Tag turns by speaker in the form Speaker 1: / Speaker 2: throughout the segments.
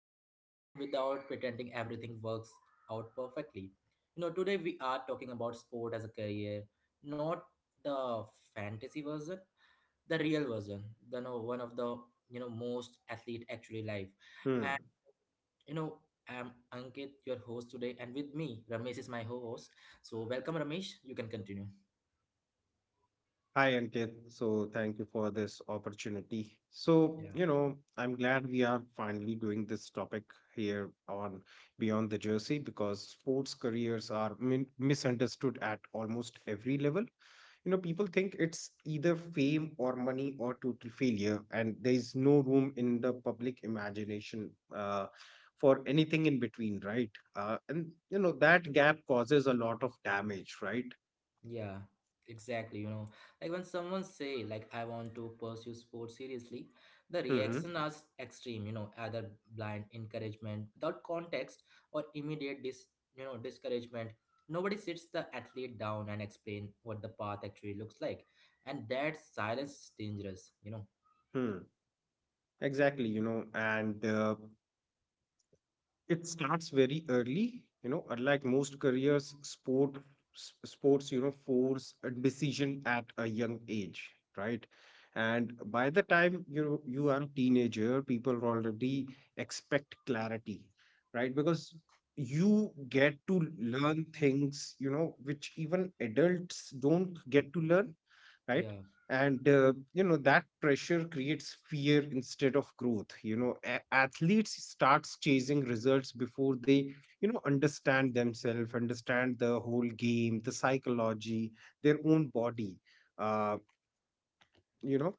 Speaker 1: reels, and without pretending everything works out perfectly. Today we are talking about sport as a career, not the fantasy version, the real version, the no, one of the most athlete actually life.
Speaker 2: Hmm.
Speaker 1: And you know, I'm Ankit, your host today, and with me, Ramesh is my host. So welcome, Ramesh. You can continue.
Speaker 2: Hi, Ankit. So, thank you for this opportunity. So,
Speaker 1: Yeah.
Speaker 2: I'm glad we are finally doing this topic here on Beyond the Jersey because sports careers are misunderstood at almost every level. People think it's either fame or money or total failure, and there is no room in the public imagination for anything in between, right? That gap causes a lot of damage, right?
Speaker 1: Yeah, exactly. Like when someone say like I want to pursue sports seriously, the
Speaker 2: Mm-hmm.
Speaker 1: reaction is extreme. Either blind encouragement without context or immediate discouragement. Nobody sits the athlete down and explain what the path actually looks like, and that silence is dangerous.
Speaker 2: Hmm. Exactly, you know, and it starts very early, unlike most careers, sports, force a decision at a young age, right? And by the time you are a teenager, people already expect clarity, right? Because you get to learn things, which even adults don't get to learn, right?
Speaker 1: Yeah.
Speaker 2: and you know that pressure creates fear instead of growth. Athletes starts chasing results before they understand themselves, understand the whole game, the psychology, their own body. uh you know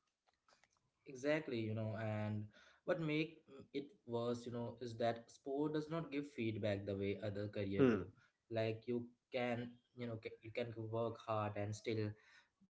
Speaker 1: Exactly, and what make it worse, is that sport does not give feedback the way other career
Speaker 2: hmm
Speaker 1: do. Like you can, you know, ca- you can work hard and still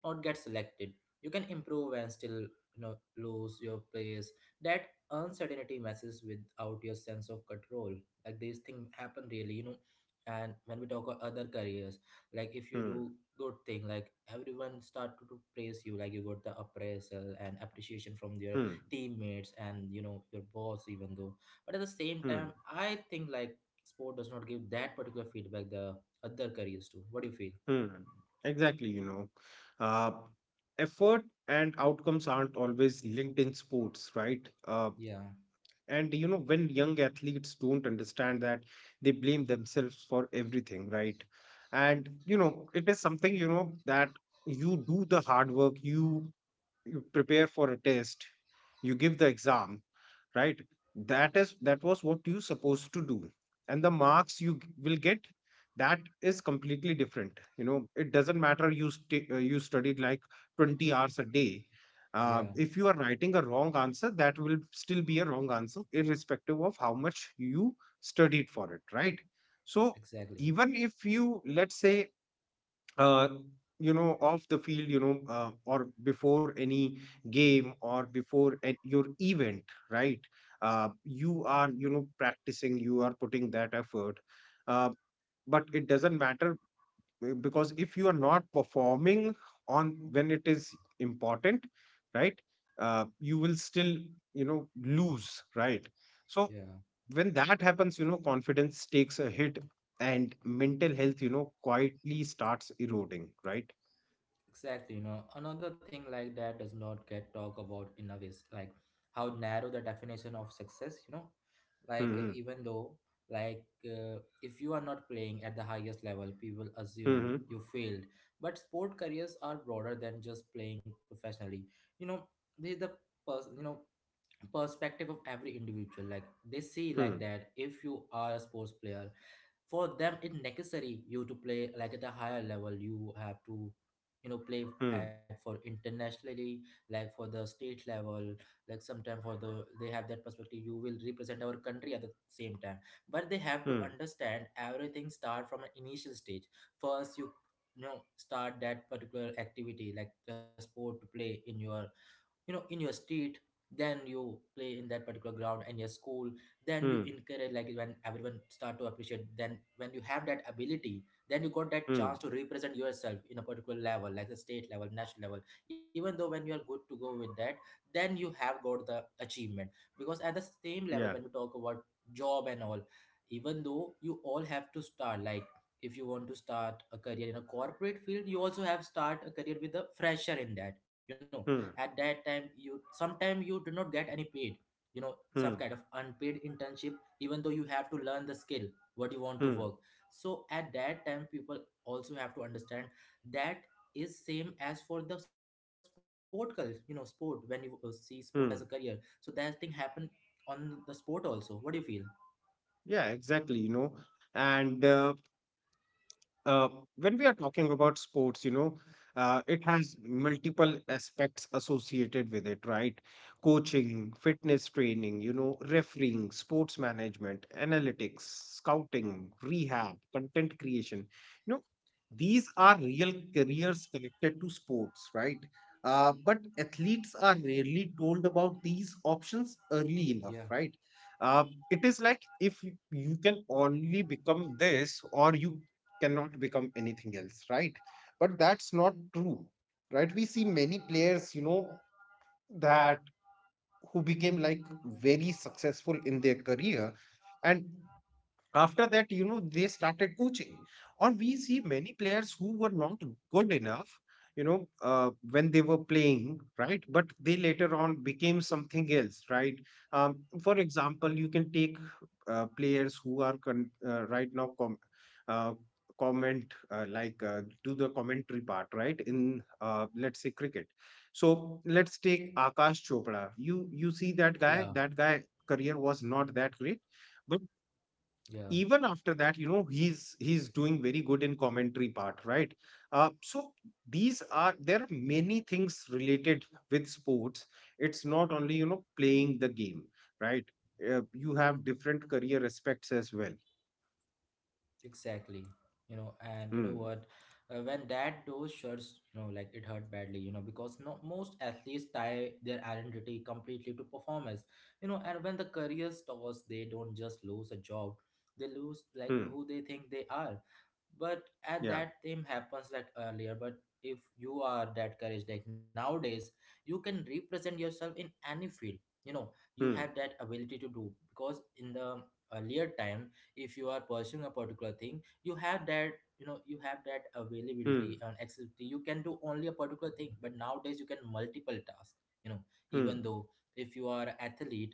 Speaker 1: not get selected. You can improve and still, lose your place. That uncertainty messes without your sense of control. Like these things happen really. And when we talk about other careers, like if you
Speaker 2: Hmm.
Speaker 1: do good thing like everyone start to praise you like you got the appraisal and appreciation from your
Speaker 2: Hmm.
Speaker 1: teammates and your boss even though but at the same
Speaker 2: Hmm.
Speaker 1: time I think like sport does not give that particular feedback the other careers do what do you feel.
Speaker 2: Hmm. Exactly you know uh effort and outcomes aren't always linked in sports, right? uh
Speaker 1: Yeah,
Speaker 2: And you know, when young athletes don't understand that, they blame themselves for everything, right? And you know, it is something, you know, that you do the hard work, you prepare for a test, you give the exam, right? That is, that was what you supposed to do, and the marks you will get, that is completely different. You know, it doesn't matter, you you studied like 20 hours a day. uh,
Speaker 1: yeah,
Speaker 2: if you are writing a wrong answer, that will still be a wrong answer irrespective of how much you studied for it, right? So
Speaker 1: exactly,
Speaker 2: even if, you, let's say, uh, you know, off the field, you know, or before any game or before at your event, right? You are, you know, practicing, you are putting that effort, uh, but it doesn't matter, because if you are not performing on when it is important, right? You will still, you know, lose, right? So
Speaker 1: yeah.
Speaker 2: when that happens, you know, confidence takes a hit, and mental health, you know, quietly starts eroding, right?
Speaker 1: Exactly, another thing like that does not get talked about enough is like how narrow the definition of success, like
Speaker 2: Mhm.
Speaker 1: even though if you are not playing at the highest level people assume
Speaker 2: Mhm.
Speaker 1: you failed but sport careers are broader than just playing professionally you know this the person perspective of every individual like they see like
Speaker 2: Mm,
Speaker 1: that if you are a sports player for them it necessary you to play like at a higher level you have to play
Speaker 2: mm,
Speaker 1: at for internationally like for the state level like sometime for the they have that perspective you will represent our country at the same time but they have to
Speaker 2: mm,
Speaker 1: understand everything start from an initial stage first you you know start that particular activity like the sport to play in your in your state, then you play in that particular ground and your school then you
Speaker 2: mm,
Speaker 1: encourage like when everyone start to appreciate then when you have that ability then you got that
Speaker 2: mm.
Speaker 1: chance to represent yourself in a particular level like the state level national level even though when you are good to go with that then you have got the achievement because at the same level
Speaker 2: Yeah.
Speaker 1: when we talk about job and all even though you all have to start like if you want to start a career in a corporate field you also have start a career with a fresher in that at
Speaker 2: Mm,
Speaker 1: that time you sometimes you do not get any paid some kind of
Speaker 2: mm,
Speaker 1: unpaid internship even though you have to learn the skill what you want to
Speaker 2: mm,
Speaker 1: work so at that time people also have to understand that is same as for the sport culture sport when you see sport as a career so
Speaker 2: mm.
Speaker 1: that thing happen on the sport also what do you feel.
Speaker 2: Yeah, exactly, you know. And uh, when we are talking about sports, you know, it has multiple aspects associated with it, right? Coaching, fitness training, you know, refereeing, sports management, analytics, scouting, rehab, content creation. You know, these are real careers connected to sports, right? But athletes are rarely told about these options early enough,
Speaker 1: Yeah,
Speaker 2: right? Uh, it is like, if you can only become this, or you cannot become anything else, right? But that's not true, right? We see many players, you know, that, who became like very successful in their career. And after that, you know, they started coaching. Or we see many players who were not good enough, you know, when they were playing, right? But they later on became something else, right? For example, you can take players who are uh, comment, do the commentary part, right? In, let's say, cricket. So let's
Speaker 1: yeah,
Speaker 2: take Akash Chopra. You see that guy. That guy career was not that great.
Speaker 1: yeah.
Speaker 2: Even after that, you know, he's doing very good in commentary part, right? So these are, there are many things related with sports. It's not only, you know, playing the game, right? You have different career aspects as well.
Speaker 1: Exactly. You know, and you know
Speaker 2: Hmm.
Speaker 1: what? When that door shuts, like it hurt badly, because no, most athletes tie their identity completely to performance, and when the career stops, they don't just lose a job, they lose
Speaker 2: Hmm.
Speaker 1: like who they think they are. But
Speaker 2: Yeah.
Speaker 1: at that time happens like earlier, but if you are that courage, like nowadays, you can represent yourself in any field, you know, you have
Speaker 2: Hmm.
Speaker 1: that ability to do because in the earlier time, if you are pursuing a particular thing you have that you have that
Speaker 2: Hmm.
Speaker 1: availability and accessibility you can do only a particular thing but nowadays you can multiple tasks you know
Speaker 2: Hmm.
Speaker 1: even though if you are an athlete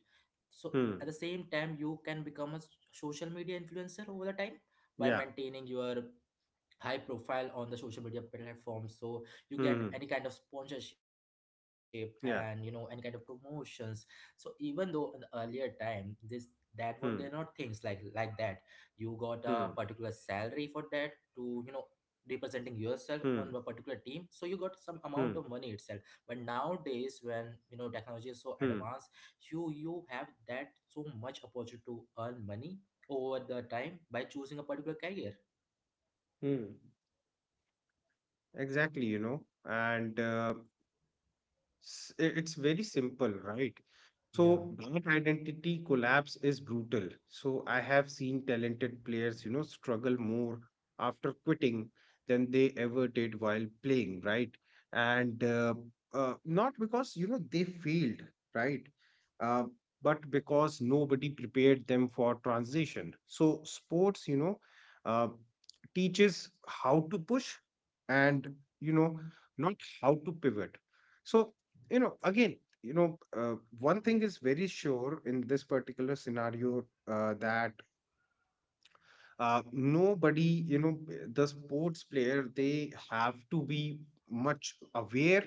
Speaker 1: so at
Speaker 2: Hmm.
Speaker 1: the same time you can become a social media influencer over the time by
Speaker 2: Yeah.
Speaker 1: maintaining your high profile on the social media platforms so you
Speaker 2: Hmm.
Speaker 1: get any kind of sponsorship and any kind of
Speaker 2: Yeah.
Speaker 1: promotions so even though in the earlier time this that were they're not
Speaker 2: Hmm.
Speaker 1: things like that you got a particular
Speaker 2: Hmm.
Speaker 1: salary for that to representing yourself on a
Speaker 2: Hmm.
Speaker 1: particular team so you got some amount
Speaker 2: Hmm.
Speaker 1: of money itself but nowadays when technology is so
Speaker 2: Hmm.
Speaker 1: advanced you have that so much opportunity to earn money over the time by choosing a particular career.
Speaker 2: Hmm. Exactly, it's very simple, right? So
Speaker 1: Yeah,
Speaker 2: that identity collapse is brutal. So I have seen talented players, you know, struggle more after quitting than they ever did while playing, right? And not because, you know, they failed, right? Uh, but because nobody prepared them for transition. So sports, you know, uh, teaches how to push and, you know, not how to pivot. So, you know, again, you know, one thing is very sure in this particular scenario, that, nobody, you know, the sports player, they have to be much aware,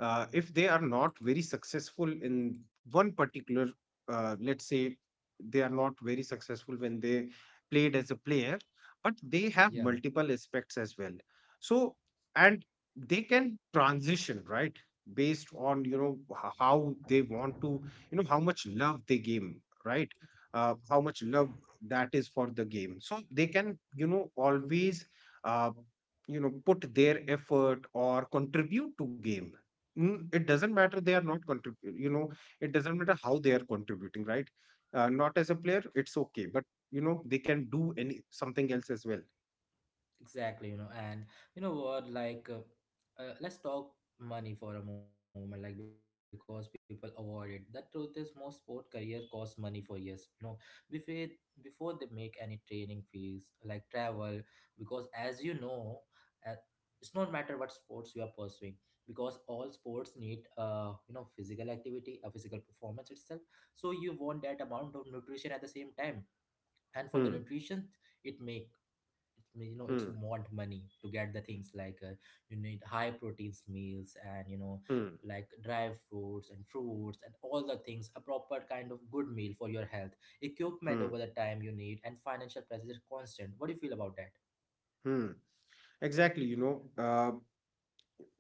Speaker 2: if they are not very successful in one particular, let's say, they are not very successful when they played as a player, but
Speaker 1: yeah.
Speaker 2: they have multiple aspects as well. So, and they can transition, right? Based on, you know, how they want to, you know, how much love they give, right? How much love that is for the game, so they can, you know, always, uh, put their effort or contribute to game. It doesn't matter they are not you know, it doesn't matter how they are contributing, right? Not as a player, it's okay, but you know, they can do any something else as well.
Speaker 1: Exactly, you know, and you know what, like, let's talk money for a moment, like, because people avoid it. The truth is, most sport career cost money for years, before they make any training fees, like travel, because as you know, uh, it's not matter what sports you are pursuing, because all sports need, physical activity, a physical performance itself. So you want that amount of nutrition at the same time, and for the
Speaker 2: Hmm.
Speaker 1: nutrition, it make it may- you know it's
Speaker 2: Hmm.
Speaker 1: want money to get the things like you need high proteins meals and
Speaker 2: Hmm.
Speaker 1: like dry fruits and fruits and all the things a proper kind of good meal for your health equipment
Speaker 2: Hmm.
Speaker 1: over the time you need and financial pressure is constant what do you feel about that.
Speaker 2: Hmm. exactly you know uh,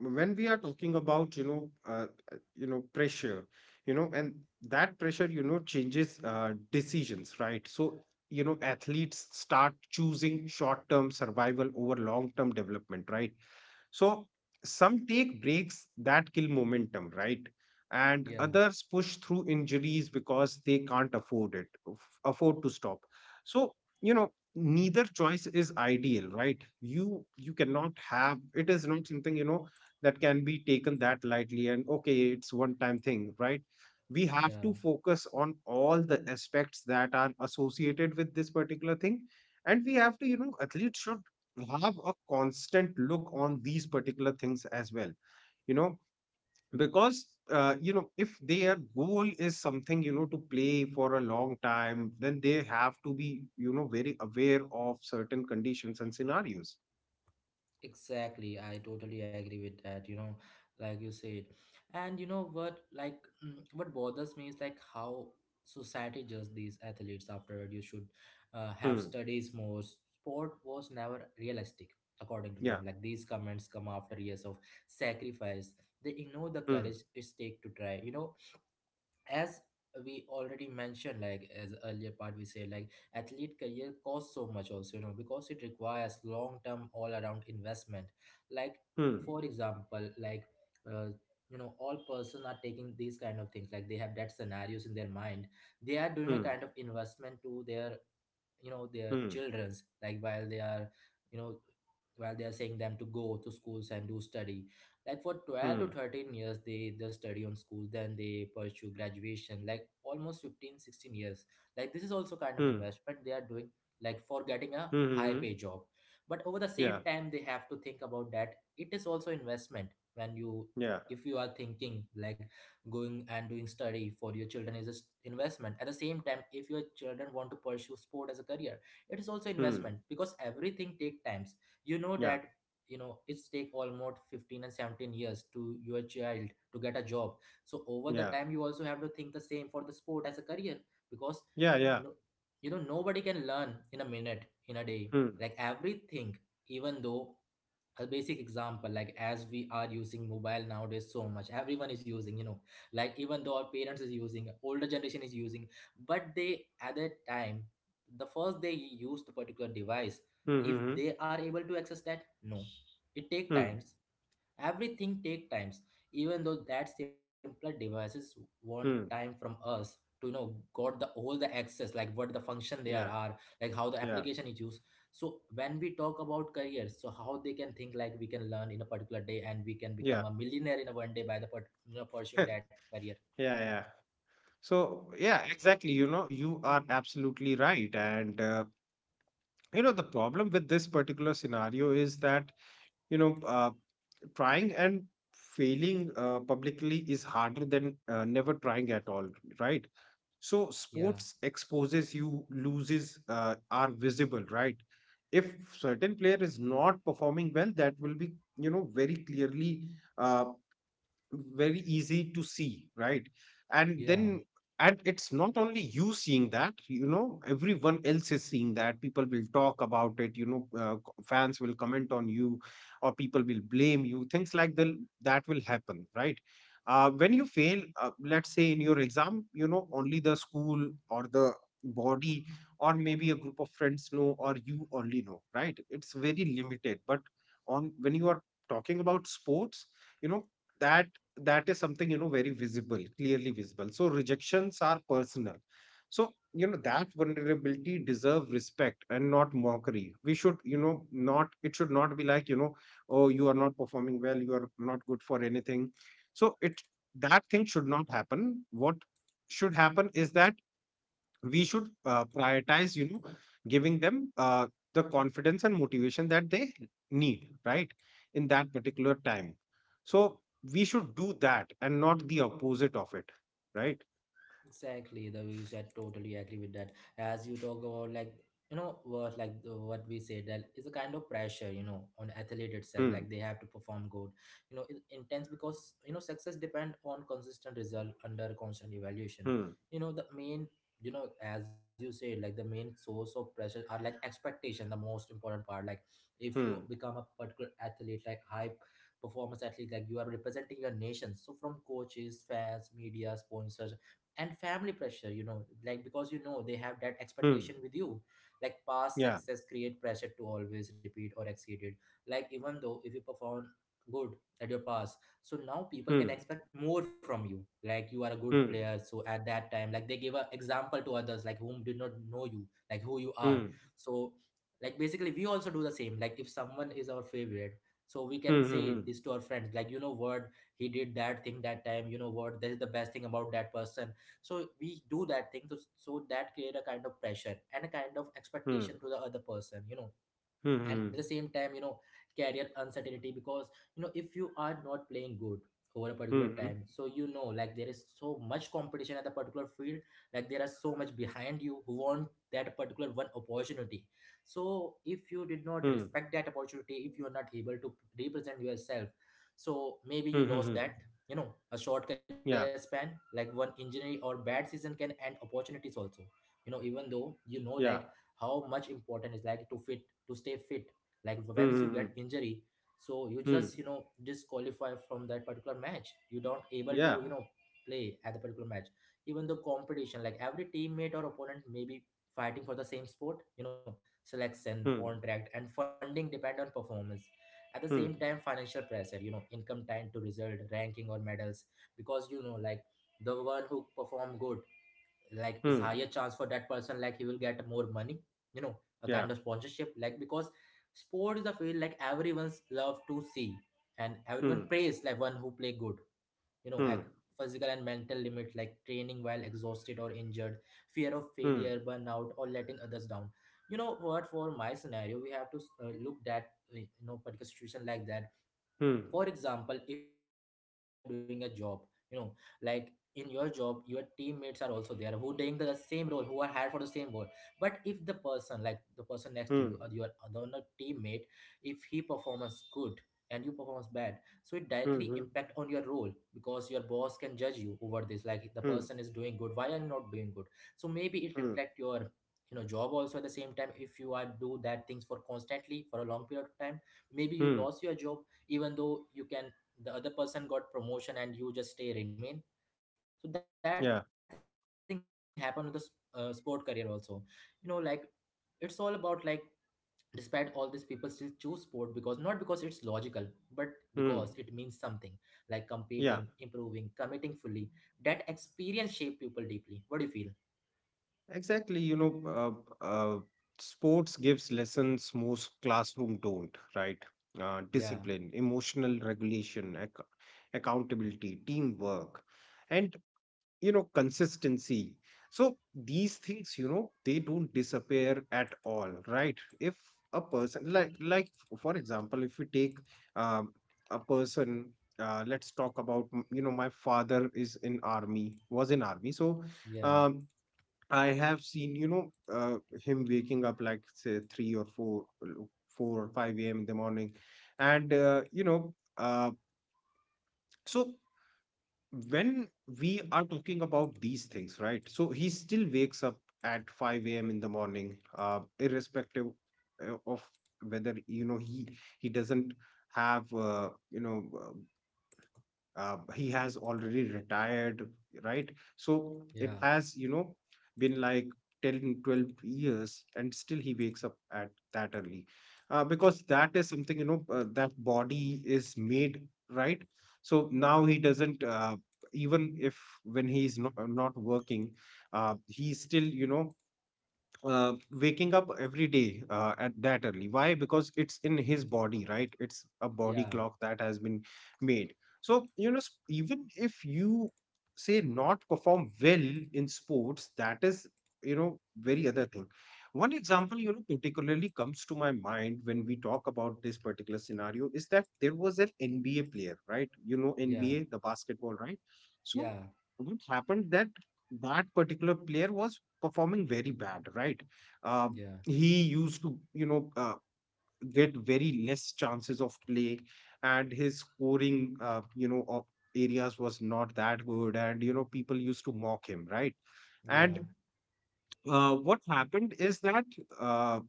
Speaker 2: when we are talking about, you know, you know, pressure, you know, and that pressure, you know, changes, decisions, right? So, you know, athletes start choosing short term survival over long term development, right? So some take breaks that kill momentum, right?
Speaker 1: Yeah,
Speaker 2: And others push through injuries because they can't afford it, afford to stop. So, you know, neither choice is ideal, right? You cannot have, it is not something, you know, that can be taken that lightly and okay, it's one time thing, right? We have to
Speaker 1: yeah.
Speaker 2: focus on all the aspects that are associated with this particular thing. And we have to, you know, athletes should have a constant look on these particular things as well, you know, because, you know, if their goal is something, you know, to play for a long time, then they have to be, you know, very aware of certain conditions and scenarios.
Speaker 1: Exactly, I totally agree with that, like you said. And you know what, like, mm, what bothers me is like how society judges these athletes after you should have
Speaker 2: Hmm.
Speaker 1: studies more. Sport was never realistic, according to
Speaker 2: Yeah.
Speaker 1: them. Like, these comments come after years of sacrifice. They ignore the
Speaker 2: Hmm.
Speaker 1: courage it takes to try. As we already mentioned like as earlier part we say like athlete career costs so much also because it requires long term all around investment like
Speaker 2: Hmm.
Speaker 1: for example like uh, all person are taking these kind of things like they have that scenarios in their mind they are doing a
Speaker 2: Hmm.
Speaker 1: kind of investment to their their
Speaker 2: Hmm.
Speaker 1: children's like while they are you know while they are saying them to go to schools and do study like for 12 to
Speaker 2: Hmm.
Speaker 1: 13 years they just study on school then they pursue graduation like almost 15, 16 years like this is also kind of
Speaker 2: Hmm.
Speaker 1: investment they are doing like for getting a high
Speaker 2: Hmm.
Speaker 1: pay job but over the
Speaker 2: Yeah.
Speaker 1: same time they have to think about that it is also investment when you
Speaker 2: Yeah.
Speaker 1: if you are thinking like going and doing study for your children is an investment. At the same time, if your children want to pursue sport as a career, it is also
Speaker 2: Hmm.
Speaker 1: investment because everything take times. You know
Speaker 2: Yeah.
Speaker 1: that it's take almost 15 and 17 years to your child to get a job so over the
Speaker 2: Yeah.
Speaker 1: time you also have to think the same for the sport as a career because
Speaker 2: Yeah. Yeah.
Speaker 1: no, nobody can learn in a minute in a day
Speaker 2: Hmm.
Speaker 1: like everything even though a basic example like as we are using mobile nowadays so much everyone is using like even though our parents is using older generation is using but they at that time the first they use the particular device
Speaker 2: Hmm.
Speaker 1: if
Speaker 2: Hmm.
Speaker 1: they are able to access that no it take
Speaker 2: Hmm.
Speaker 1: times everything take times even though that simpler devices want time
Speaker 2: Hmm.
Speaker 1: from us to got the all the access like what the function there
Speaker 2: Yeah.
Speaker 1: are like how the
Speaker 2: Yeah.
Speaker 1: application is used so when we talk about careers so how they can think like we can learn in a particular day and we can
Speaker 2: Yeah.
Speaker 1: become a millionaire in a one day by the part, pursuing that career.
Speaker 2: Yeah. Yeah. So, yeah, exactly. You know, you are absolutely right. The problem with this particular scenario is that, you know, trying and failing publicly is harder than never trying at all, right? So,
Speaker 1: Yeah,
Speaker 2: sports exposes you, loses are visible, right? If certain player is not performing well, that will be, you know, very clearly, uh, very easy to see, right? And
Speaker 1: yeah.
Speaker 2: then, and it's not only you seeing that, you know, everyone else is seeing that. People will talk about it, you know, fans will comment on you, or people will blame you, things like the, that will happen, right? When you fail, let's say, in your exam, you know, only the school or the body or maybe a group of friends know, or you only know, right? It's very limited. But on when you are talking about sports, you know, that, that is something, you know, very visible, clearly visible, so rejections are personal. So, you know, that vulnerability deserve respect and not mockery. We should, you know, not, it should not be like, you know, oh, you are not performing well, you are not good for anything. So it, that thing should not happen. What should happen is that we should, prioritize, you know, giving them, the confidence and motivation that they need, right? In that particular time. So we should do that and not the opposite of it, right?
Speaker 1: Exactly, the way you said totally agree with that. As you talk about, like, what, like what we said, that is a kind of pressure, on athlete itself,
Speaker 2: Hmm.
Speaker 1: like they have to perform good. It's intense because, success depend on consistent result under constant evaluation.
Speaker 2: Hmm.
Speaker 1: You know the main you know As you said, like the main source of pressure are like expectation, the most important part, like if you
Speaker 2: Hmm.
Speaker 1: become a particular athlete, like high performance athlete, like you are representing your nation. So from coaches, fans, media, sponsors, and family pressure, like because they have that expectation
Speaker 2: Hmm.
Speaker 1: with you. Like past
Speaker 2: Yeah.
Speaker 1: success create pressure to always repeat or exceed it. Like even though if you perform good at your past, so now people can
Speaker 2: Hmm.
Speaker 1: expect more from you. Like you are a good
Speaker 2: Hmm.
Speaker 1: player, so at that time, like they give a example to others, like whom did not know you, like who you are.
Speaker 2: Hmm.
Speaker 1: So, like basically, we also do the same. Like if someone is our favorite, so we can say
Speaker 2: Hmm.
Speaker 1: this to our friends like, you know what, he did that thing that time. You know what, this is the best thing about that person. So we do that thing to, so that create a kind of pressure and a kind of
Speaker 2: Hmm.
Speaker 1: expectation to the other person.
Speaker 2: Hmm.
Speaker 1: And
Speaker 2: Hmm.
Speaker 1: at the same time, career uncertainty, because if you are not playing good over a
Speaker 2: Hmm. Hmm.
Speaker 1: particular
Speaker 2: Hmm. Hmm. Hmm. Hmm.
Speaker 1: time, so like there is so much competition at the particular field. Like there are so much behind you who want that particular one opportunity. So if you did not
Speaker 2: Hmm.
Speaker 1: respect that opportunity, if you are not able to represent yourself, so
Speaker 2: Hmm.
Speaker 1: maybe
Speaker 2: Hmm.
Speaker 1: you
Speaker 2: Hmm.
Speaker 1: lost that. A short career
Speaker 2: Yeah.
Speaker 1: span, like one injury or bad season can end opportunities also. Even though, like
Speaker 2: Yeah.
Speaker 1: how much important is, like to fit, to stay fit. Like
Speaker 2: Hmm.
Speaker 1: once you
Speaker 2: Hmm.
Speaker 1: get
Speaker 2: Hmm.
Speaker 1: injury, so you
Speaker 2: Hmm.
Speaker 1: just disqualify from that particular match, you don't able to
Speaker 2: Yeah.
Speaker 1: play at the particular match. Even the competition, like every teammate or opponent may be fighting for the same sport. Selection,
Speaker 2: Hmm.
Speaker 1: contract, and funding depend on performance. At the same
Speaker 2: Hmm.
Speaker 1: time financial pressure, income tied to result, ranking, or medals. Because like the one who perform good, like is
Speaker 2: Hmm.
Speaker 1: higher chance for that person, like he will get more money, you know a kind
Speaker 2: Yeah.
Speaker 1: of sponsorship. Like because sport is a field, like everyone's love to see, and everyone
Speaker 2: hmm
Speaker 1: praise like one who play good, like
Speaker 2: hmm.
Speaker 1: physical and mental limit, like training while exhausted or injured, fear of
Speaker 2: Hmm.
Speaker 1: failure, burnout, or letting others down. You know what, for my scenario we have to, look that, particular situation like that.
Speaker 2: Hmm.
Speaker 1: For example, if you are doing a job, you know like in your job your teammates are also there who doing the same role, who are hired for the same role. But if the person, like the person next to you or your
Speaker 2: Hmm.
Speaker 1: other teammate, if he performs good and you performs bad, so it
Speaker 2: Hmm.
Speaker 1: directly
Speaker 2: Hmm.
Speaker 1: impact on your role. Because your boss can judge you over this, like the
Speaker 2: Hmm.
Speaker 1: person is doing good, why are you not doing good? So maybe it
Speaker 2: Hmm.
Speaker 1: reflect your, job also. At the same time if you are do that things for constantly for a long period of time, maybe you
Speaker 2: Hmm.
Speaker 1: lost your job. Even though you can, the other person got promotion and you just stay remain. So that thing happened with the
Speaker 2: Yeah.
Speaker 1: sport career also. Like it's all about, like, despite all these, people still choose sport because, not because it's logical, but because it means something, like
Speaker 2: Hmm.
Speaker 1: competing, improving, committing
Speaker 2: Yeah.
Speaker 1: fully. That experience shape people deeply. What do you feel?
Speaker 2: Exactly. Sports gives lessons most classroom don't, right?
Speaker 1: Yeah,
Speaker 2: Discipline, emotional regulation, accountability, teamwork. And you know consistency, so these things, you know, they don't disappear at all, right? If a person like for example, if we take, um, a person, let's talk about, you know, my father is in army, was in army. So,
Speaker 1: yeah,
Speaker 2: um, I have seen, you know, him waking up like, say, 3 or 4, 4 or 5 a.m. in the morning. And uh, you know uh, so when we are talking about these things, right? So he still wakes up at 5 a.m. In the morning, irrespective of whether he doesn't have he has already retired, right? So
Speaker 1: yeah,
Speaker 2: it has been like 10, 12 years, and still he wakes up at that early, because that is something, that body is made, right? So now he doesn't, even if, when he's not working, he still waking up every day at that early. Why? Because it's in his body, right? It's a
Speaker 1: yeah,
Speaker 2: body clock that has been made. So, even if you say not perform well in sports, that is, you know, very other thing. One example, you know, particularly comes to my mind when we talk about this particular scenario is that there was an NBA player, right? You know,
Speaker 1: yeah,
Speaker 2: NBA, the basketball, right? So,
Speaker 1: yeah,
Speaker 2: what happened that that particular player was performing very bad, right? Uh,
Speaker 1: yeah,
Speaker 2: he used to, get very less chances of play, and his scoring, of areas was not that good, and you know, people used to mock him, right?
Speaker 1: yeah,
Speaker 2: And what happened is that uh,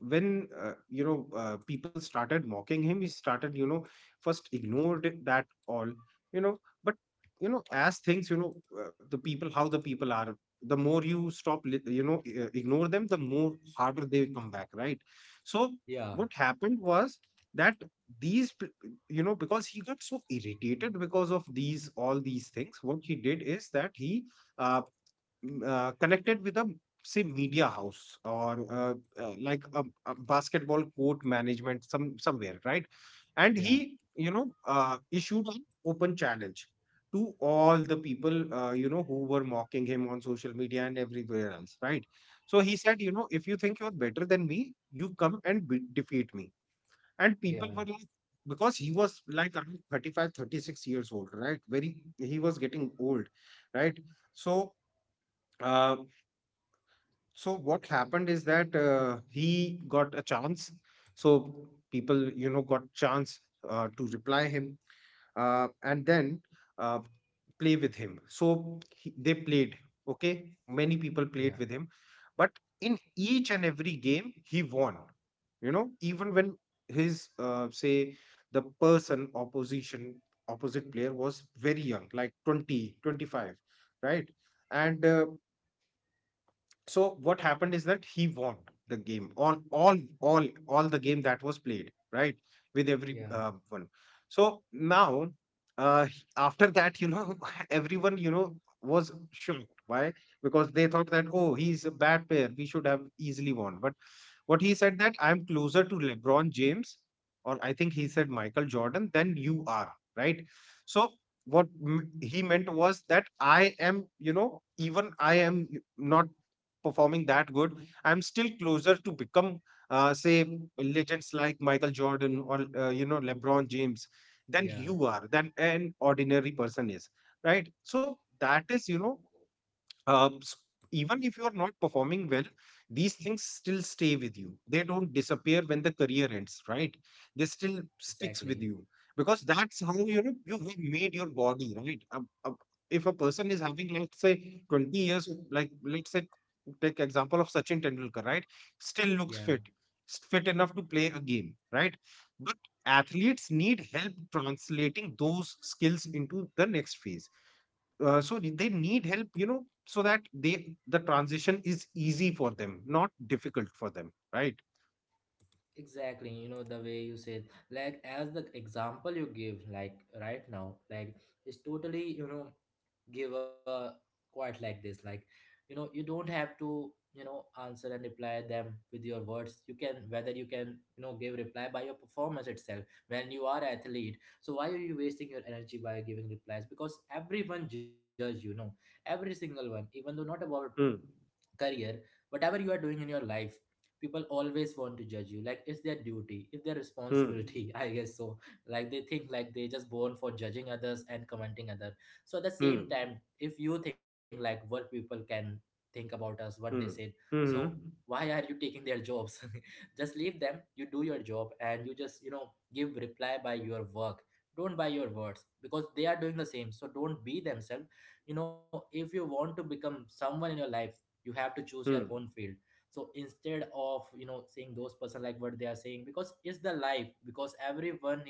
Speaker 2: when people started mocking him, he started first ignored that all, you know, but you know, as things, the people, how the people are, the more you stop ignore them, the more harder they come back, right? So
Speaker 1: yeah,
Speaker 2: what happened was that these p- you know, because he got so irritated because of these all these things, what he did is that he, uh, connected with a, say, media house, or like a basketball court management, some somewhere, right? And
Speaker 1: yeah,
Speaker 2: he, issued an open challenge to all the people, you know, who were mocking him on social media and everywhere else, right? So he said, you know, if you think you're better than me, you come and defeat me. And people
Speaker 1: yeah,
Speaker 2: were
Speaker 1: yeah,
Speaker 2: like, because he was like around 35, 36 years old, right? Very, he was getting old, right? So, uh, so what happened is that he got a chance. So people, you know, got chance to reply him, and then, uh, play with him. So he, they played. Okay, many people played with him, but in each and every game he won. You know, even when his, say, the person opposition opposite player was very young, like 20, 25, right? And so what happened is that he won the game on all the game that was played, right? With every
Speaker 1: yeah,
Speaker 2: one. So now, after that, you know, everyone, was shocked. Why? Because they thought that, oh, he's a bad player. We should have easily won. But what he said, that I'm closer to LeBron James, or I think he said Michael Jordan, than you are, right? So what he meant was that I am, you know, even I am not performing that good, I'm still closer to become, say, legends like Michael Jordan, or, you know, LeBron James, than
Speaker 1: yeah,
Speaker 2: you are, than an ordinary person is, right? So that is, you know, um, s- even if you are not performing well, these things still stay with you. They don't disappear when the career ends, right? They still sticks with
Speaker 1: exactly.
Speaker 2: you, because that's how, you know, you have made your body, right? If a person is having, let's say, 20 years, like let's say, take example of Sachin Tendulkar, right? Still looks
Speaker 1: Yeah,
Speaker 2: fit, fit enough to play a game, right? But athletes need help translating those skills into the next phase, so they need help, you know, so that they, the transition is easy for them, not difficult for them, right?
Speaker 1: exactly. The way you said, like, as the example you give, like, right now, like, it's totally, give a quite like this. Like, you don't have to, answer and reply them with your words. You can, whether you can, give reply by your performance itself when you are athlete. So why are you wasting your energy by giving replies? Because everyone judge, every single one, even though not about
Speaker 2: Hmm.
Speaker 1: career, whatever you are doing in your life, people always want to judge you, like it's their duty, it's their
Speaker 2: Hmm.
Speaker 1: responsibility. I guess so. Like they think, like they just born for judging others and commenting others. So at the same
Speaker 2: Hmm.
Speaker 1: time if you think, like what people can think about us, what they said,
Speaker 2: Hmm.
Speaker 1: so
Speaker 2: Hmm.
Speaker 1: why are you taking their jobs? Just leave them, you do your job, and you just give reply by your work, don't by your words. Because they are doing the same, so don't be themselves. you know if you want to become someone in your life, you have to choose your
Speaker 2: Hmm.
Speaker 1: own field. So instead of saying those person, like what they are saying, because it's the life, because everyone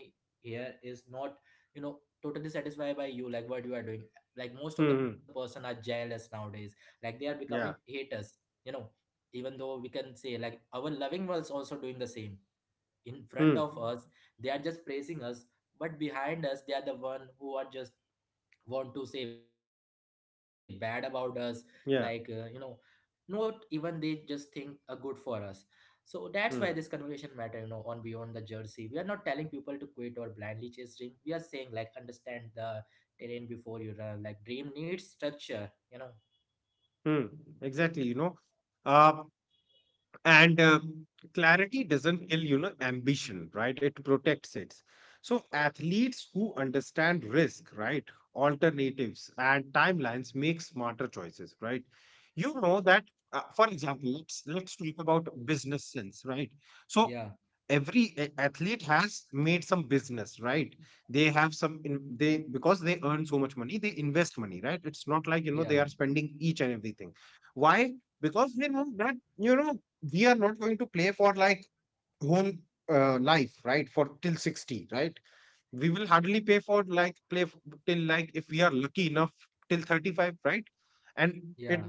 Speaker 1: here is not, totally satisfied by you, like what you are doing. Like most of the
Speaker 2: Hmm.
Speaker 1: person are jealous nowadays, like they are becoming
Speaker 2: Yeah.
Speaker 1: haters. you know Even though we can say, like, our loving ones also doing the same. In front
Speaker 2: Hmm.
Speaker 1: of us they are just praising us, but behind us they are the one who are just want to say bad about us. Like,
Speaker 2: Yeah.
Speaker 1: not even they just think are good for us. So that's why this conversation
Speaker 2: Hmm.
Speaker 1: matter, on Beyond the Jersey, we are not telling people to quit or blindly chase dream, we are saying like understand the terrain before you run, like dream needs structure.
Speaker 2: Hmm, exactly, you know, uh, and clarity doesn't kill, you know, ambition, right? It protects it. So athletes who understand risk, right, alternatives and timelines, make smarter choices, right? You know that, for example, let's talk about business sense, right? So
Speaker 1: Yeah,
Speaker 2: every athlete has made some business, right? They have some in, they, because they earn so much money, they invest money, right? It's not like, you
Speaker 1: yeah,
Speaker 2: know, they are spending each and everything. Why? Because they know that, you know, we are not going to play for like whole life, right, for till 60, right? We will hardly pay for like till, like, if we are lucky enough, till 35, right? And
Speaker 1: yeah,
Speaker 2: it,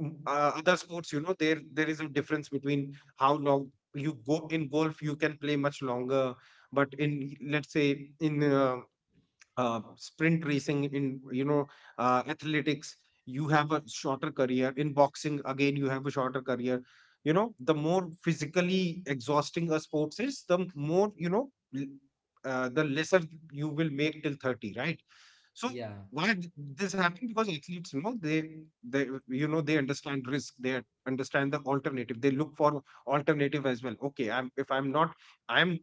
Speaker 2: other sports, you know, there is a difference between how long you go. In golf you can play much longer, but in, let's say, in sprint racing, in, you know, athletics, you have a shorter career. In boxing, again, you have a shorter career. You know, the more physically exhausting a sports is, the more, you know, l- the lesser you will make till 30, right? So,
Speaker 1: yeah,
Speaker 2: why this happened, because athletes, you know, they, you know, they understand risk, they understand the alternative, they look for alternative as well. Okay, I'm, if I'm not, I'm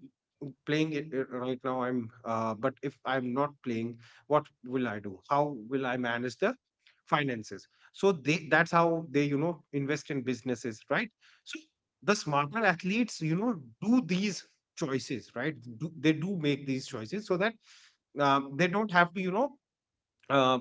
Speaker 2: playing it, right now, I'm, but if I'm not playing, what will I do, how will I manage the finances? So they, that's how they, you know, invest in businesses, right? So, the smarter athletes, you know, do these choices, right? They do make these choices so that they don't have to, you know, uh,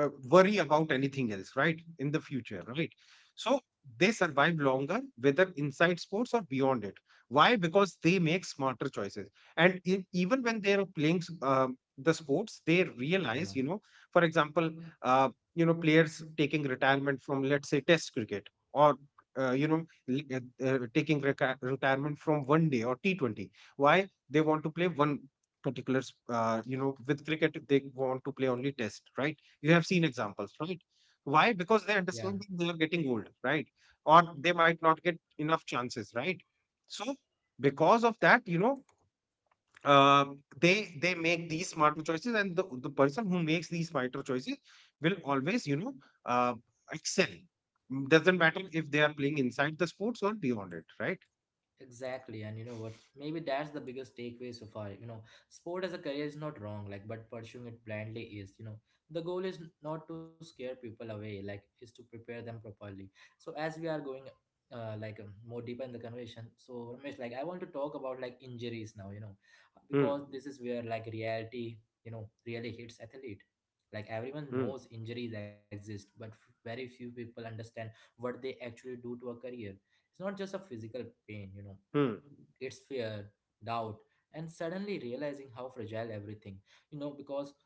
Speaker 2: worry about anything else, right? In the future, right? So they survive longer, whether inside sports or beyond it. Why? Because they make smarter choices. And even when they're playing the sports, they
Speaker 1: yeah,
Speaker 2: realize, you know, for example, uh, you know, players taking retirement from, let's say, test cricket, or you know, taking retirement from one day or T20. Why? They want to play one particular you know, with cricket they want to play only test, right? You have seen examples, right? Why? Because they
Speaker 1: yeah.
Speaker 2: understand that they are getting old, right? Or they might not get enough chances, right? So, because of that, you know, uh, they they make these smarter choices, and the person who makes these smarter choices will always, you know, uh, excel. Mm, doesn't matter if they are playing inside the sports or beyond it, right?
Speaker 1: Exactly, and you know what? Maybe that's the biggest takeaway so far. Sport as a career is not wrong, like, but pursuing it blindly is. The goal is not to scare people away, like, is to prepare them properly. So as we are going, like more deeper in the conversation, so Ramesh, like, I want to talk about like injuries now.
Speaker 2: Hmm.
Speaker 1: Because this is where, like reality, really hits athlete. Like everyone
Speaker 2: Hmm.
Speaker 1: knows injuries exist, but very few people understand what they actually do to a career. It's not just a physical pain,
Speaker 2: Hmm.
Speaker 1: its fear, doubt, and suddenly realizing how fragile everything, because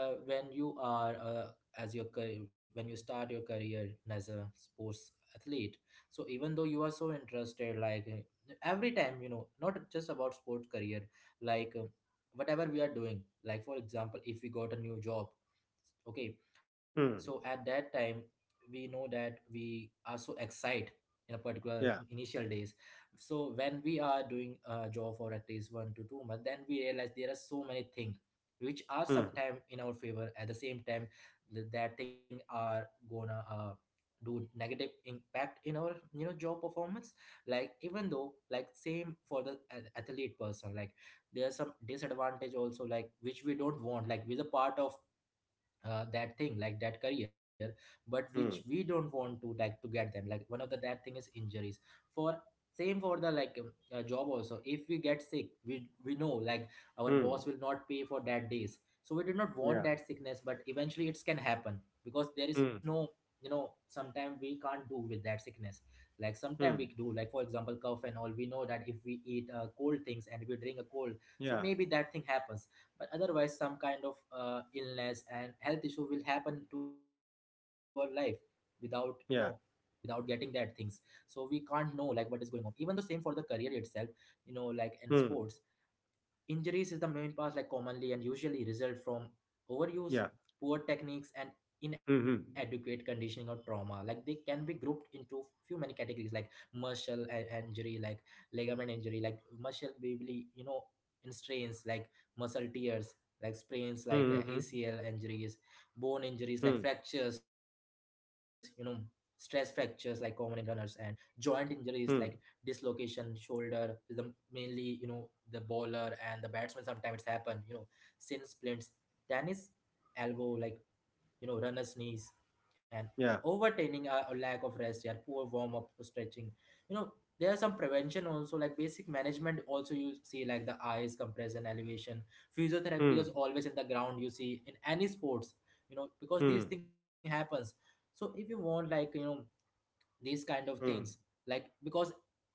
Speaker 1: when you are when you start your career as a sports athlete, so even though you are so interested, like every time, not just about sports career, like whatever we are doing, like for example, if we got a new job, okay, so at
Speaker 2: Hmm.
Speaker 1: that time we know that we are so excited in a particular
Speaker 2: Yeah.
Speaker 1: initial days. So when we are doing a job for at least 1 to 2 months, then we realize there are so many things which are
Speaker 2: Hmm.
Speaker 1: sometimes in our favor. At the same time, that thing are gonna do negative impact in our, job performance. Like even though, like same for the athlete person, like there's some disadvantage also, like which we don't want, like with are the part of, that thing, like that career, but which we
Speaker 2: Hmm.
Speaker 1: don't want to, like to get them, like one of the that thing is injuries. For same for the, like job also, if we get sick, we know like our
Speaker 2: Hmm.
Speaker 1: boss will not pay for that days, so we did not
Speaker 2: Yeah.
Speaker 1: want that sickness, but eventually it can happen because there
Speaker 2: Mm.
Speaker 1: is no, sometimes we can't do with that sickness. Like sometimes we
Speaker 2: Mm.
Speaker 1: do, like for example cough and all, we know that if we eat cold things and we drink a cold, so
Speaker 2: Yeah.
Speaker 1: maybe that thing happens. But otherwise some kind of illness and health issue will happen to our life without, without
Speaker 2: Yeah.
Speaker 1: getting that things. So we can't know like what is going on, even the same for the career itself, like in sports.
Speaker 2: Mm.
Speaker 1: Injuries is the main cause, like commonly and usually result from overuse,
Speaker 2: Yeah.
Speaker 1: poor techniques, and
Speaker 2: Mm-hmm.
Speaker 1: inadequate conditioning or trauma. Like they can be grouped into few many categories, like muscle and injury, like ligament injury, like muscle baby, in strains, like muscle tears, like
Speaker 2: Hmm.
Speaker 1: sprains,
Speaker 2: Mm-hmm.
Speaker 1: like ACL injuries, bone
Speaker 2: Mm.
Speaker 1: injuries, like fractures, stress fractures, like common in runners, and joint injuries, like
Speaker 2: Mm.
Speaker 1: dislocation shoulder is the mainly the bowler and the batsman sometimes it's happen. Sin splints, tennis elbow, like runner's knees, and
Speaker 2: Yeah.
Speaker 1: overtraining or lack of rest. Yeah, poor warm up stretching. you know there are some prevention also, like basic management also. You see, like the eyes compression elevation, physiotherapy is
Speaker 2: Mm.
Speaker 1: always in the ground, you see, in any sports, because
Speaker 2: Mm.
Speaker 1: these thing happens. So if you want, like, these kind of things,
Speaker 2: Mm.
Speaker 1: like because,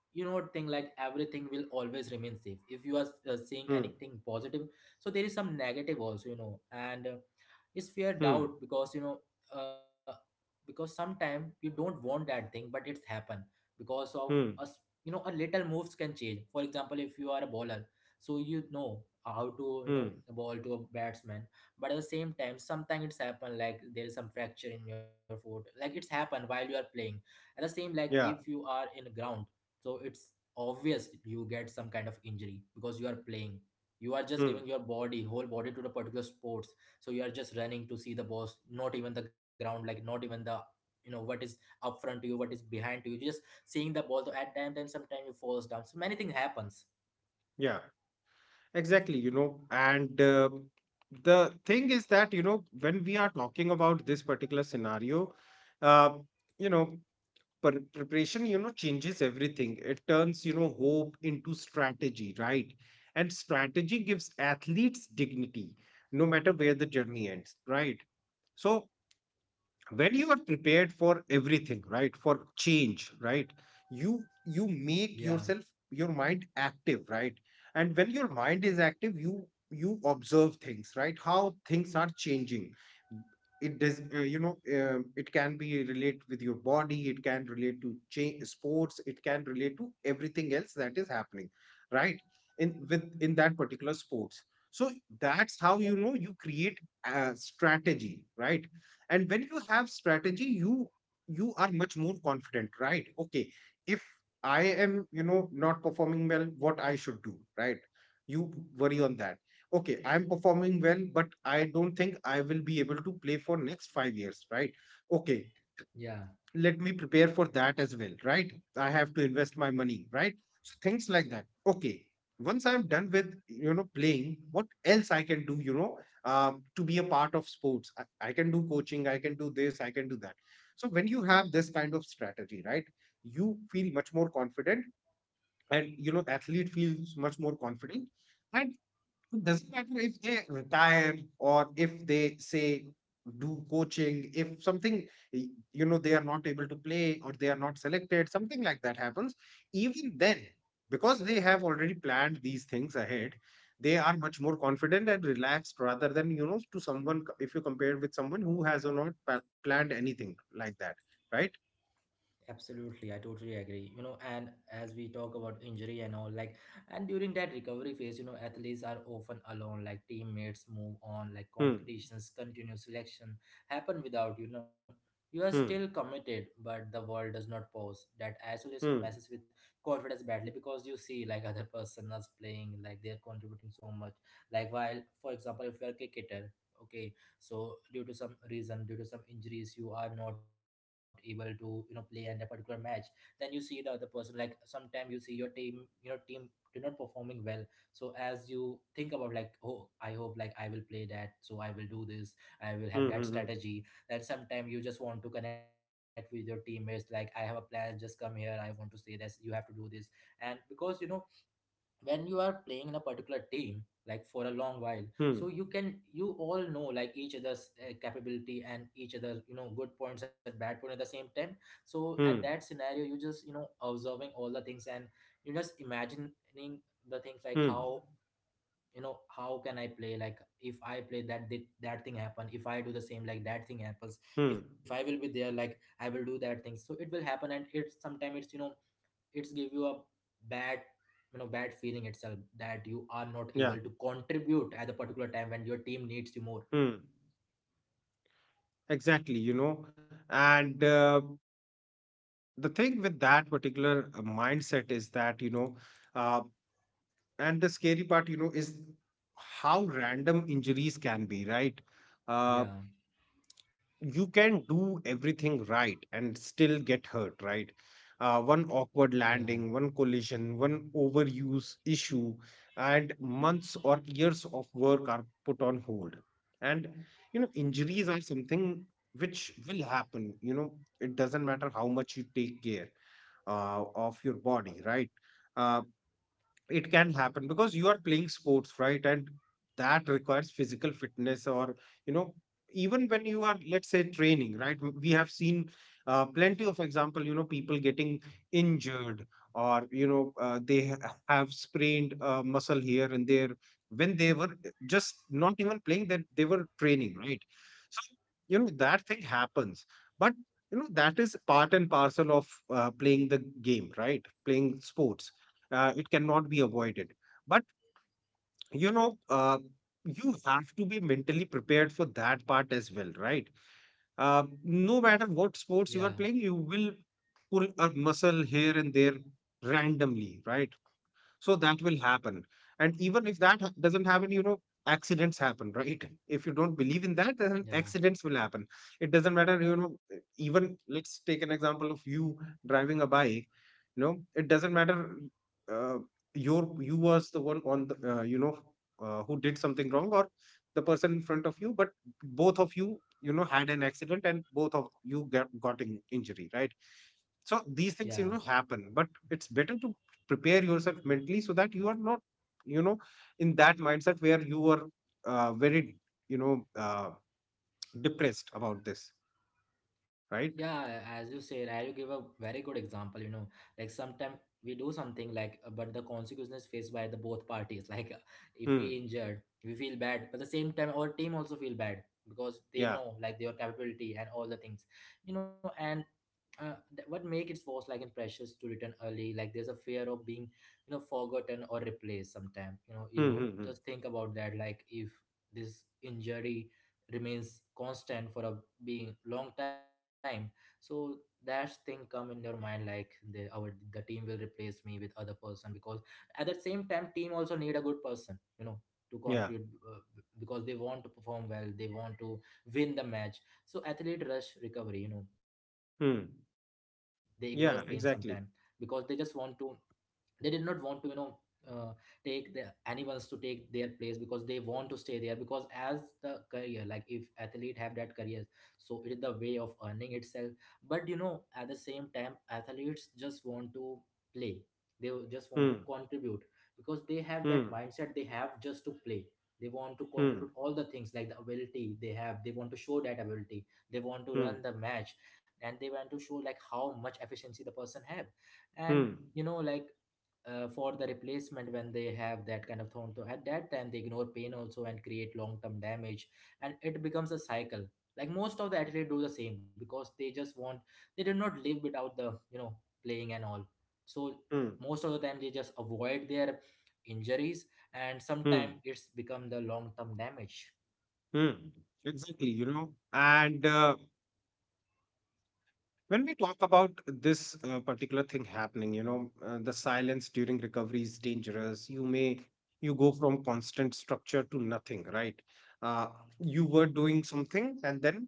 Speaker 1: thing like everything will always remain safe if you are seeing
Speaker 2: Mm.
Speaker 1: anything positive. So there is some negative also, and is fear doubt.
Speaker 2: Mm.
Speaker 1: Because, uh, because sometimes you don't want that thing, but it's happen because of us.
Speaker 2: Mm.
Speaker 1: A little moves can change. For example, if you are a bowler, so you know how to
Speaker 2: Mm.
Speaker 1: ball to a batsman. But at the same time sometimes it's happen, like there is some fracture in your foot, like it's happened while you are playing. At the same, like if
Speaker 2: Yeah.
Speaker 1: you are in a ground, so it's obvious you get some kind of injury because you are playing. You are just
Speaker 2: Mm.
Speaker 1: giving your body, whole body, to the particular sport. So you are just running to see the boss, not even the ground, like not even the, what is up front to you, what is behind to you, just seeing the ball. So at time then sometimes you falls down, so many things happens.
Speaker 2: Yeah. Exactly. You know, and the thing is that, you know, when we are talking about this particular scenario, uh, you know, preparation, you know, changes everything. It turns, you know, hope into strategy, right? And strategy gives athletes dignity, no matter where the journey ends, right? So when you are prepared for everything, right, for change, right, you
Speaker 1: Yeah,
Speaker 2: make yourself, your mind active, right? And when your mind is active, you observe things, right, how things are changing. It does, it can be relate with your body, it can relate to change sports, it can relate to everything else that is happening, right, in, with in that particular sports. So that's how, you know, you create a strategy, right? And when you have strategy, you are much more confident, right? Okay, if I am, you know, not performing well, what I should do, right? You worry on that. Okay, I'm performing well, but I don't think I will be able to play for next 5 years, right? Okay,
Speaker 1: yeah.
Speaker 2: let me prepare for that as well, right? I have to invest my money, right? So things like that. Okay. Once I'm done with, you know, playing, what else I can do, you know, to be a part of sports? I can do coaching, I can do this, I can do that. So when you have this kind of strategy, right, you feel much more confident and, you know, athlete feels much more confident. And it doesn't matter if they retire or if they say do coaching, if something, you know, they are not able to play or they are not selected, something like that happens. Even then, because they have already planned these things ahead, they are much more confident and relaxed, rather than, you know, to someone, if you compare with someone who has not planned anything like that, right?
Speaker 1: Absolutely, I totally agree. And as we talk about injury and all, like, and during that recovery phase, athletes are often alone. Like teammates move on, like
Speaker 2: Hmm.
Speaker 1: competitions continue, selection happen without you know. You are still
Speaker 2: Hmm.
Speaker 1: committed, but the world does not pause. That isolation
Speaker 2: Hmm.
Speaker 1: messes with confidence badly because you see, like other person is playing, like they're contributing so much. Like while, for example, if you're a cricketer, okay, so due to some reason, due to some injuries you are not able to play in a particular match. Then you see the other person, like sometime you see your team, team do not performing well. So as you think about, like, oh, I hope like I will play that, so I will do this, I will have
Speaker 2: Hmm.
Speaker 1: that
Speaker 2: Hmm.
Speaker 1: strategy. Then sometime you just want to connect with your teammates, like I have a plan, just come here, I want to say this, you have to do this. And because, when you are playing in a particular team, like for a long while, so
Speaker 2: Hmm.
Speaker 1: you can, you all know like each other's capability, and each other, good points and bad point at the same time. So at
Speaker 2: Hmm. Hmm.
Speaker 1: that scenario you just, observing all the things, and you just imagining the things, like
Speaker 2: Hmm.
Speaker 1: how, how can I play, like if I play that, did that thing happen? If I do the same, like that thing happens,
Speaker 2: Hmm.
Speaker 1: if I will be there, like I will do that thing, so it will happen. And it's sometimes it's, it's give you a bad, bad feeling itself, that you are not
Speaker 2: Yeah.
Speaker 1: able to contribute at the particular time when your team needs you more.
Speaker 2: Hmm. Exactly, you know, and the thing with that particular mindset is that, you know, uh, and the scary part, you know, is how random injuries can be, right? Uh,
Speaker 1: Yeah,
Speaker 2: you can do everything right and still get hurt, right? One awkward
Speaker 1: yeah,
Speaker 2: landing, one collision, one overuse issue, and months or years of work are put on hold. And, you know, injuries are something which will happen. You know, it doesn't matter how much you take care of your body, right? Uh, it can happen because you are playing sports, right? And that requires physical fitness. Or you know even when you are, let's say, training, right? We have seen plenty of example, people getting injured. Or they have sprained a muscle here and there when they were just not even playing, that they were training, right? So, that thing happens. But, that is part and parcel of playing the game, right? Playing sports, it cannot be avoided. But, you know uh, you have to be mentally prepared for that part as well, right? No matter what sports
Speaker 1: yeah,
Speaker 2: you are playing, you will pull a muscle here and there, randomly, right? So that will happen. And even if that doesn't happen, accidents happen, right? If you don't believe in that, then
Speaker 1: yeah,
Speaker 2: accidents will happen. It doesn't matter, even, let's take an example of you driving a bike. It doesn't matter uh, your — you was the one on the, who did something wrong, or the person in front of you, but both of you, you know had an accident, and both of you got in injury, right? So these things,
Speaker 1: yeah,
Speaker 2: happen, but it's better to prepare yourself mentally, so that you are not, you know in that mindset where you were very, you know uh, depressed about this, right?
Speaker 1: yeah. As you said, I you give a very good example. Like sometimes we do something, like but the consequences faced by the both parties like if
Speaker 2: Hmm.
Speaker 1: we injured we feel bad, but at the same time our team also feel bad because they
Speaker 2: Yeah.
Speaker 1: know like their capability and all the things. And what make it force like and pressures to return early, like there's a fear of being, forgotten or replaced. Sometime
Speaker 2: Hmm.
Speaker 1: you
Speaker 2: Hmm. Hmm.
Speaker 1: just think about that, like if this injury remains constant for a being long time, so that thing come in your mind, like the, our, the team will replace me with other person, because at the same time team also need a good person, to
Speaker 2: Yeah.
Speaker 1: contribute, because they want to perform well, they want to win the match. So athlete rush recovery, they ignore pain
Speaker 2: Hmm.
Speaker 1: sometime because they just
Speaker 2: Yeah.
Speaker 1: want to,
Speaker 2: Exactly.
Speaker 1: they did not want to, uh, take the animals to take their place, because they want to stay there, because as the career, like if athlete have that career, so it is the way of earning itself. But at the same time athletes just want to play, they just want to
Speaker 2: Hmm.
Speaker 1: contribute because they have that
Speaker 2: Hmm.
Speaker 1: mindset, they have just to play. They want to contribute
Speaker 2: Hmm.
Speaker 1: all the things, like the ability they have, they want to show that ability. They want to run
Speaker 2: Hmm.
Speaker 1: the match, and they want to show like how much efficiency the person have. And,
Speaker 2: Hmm.
Speaker 1: like for the replacement, when they have that kind of thorn, so at that time they ignore pain also and create long-term damage. And it becomes a cycle, like most of the athletes do the same because they just want, they did not live without the, playing and all. So
Speaker 2: Hmm.
Speaker 1: most of the time they just avoid their injuries, and sometimes
Speaker 2: Hmm.
Speaker 1: it's become the long-term damage.
Speaker 2: Hmm. Exactly. And when we talk about this particular thing happening, the silence during recovery is dangerous. You go from constant structure to nothing, right? Uh, you were doing something, and then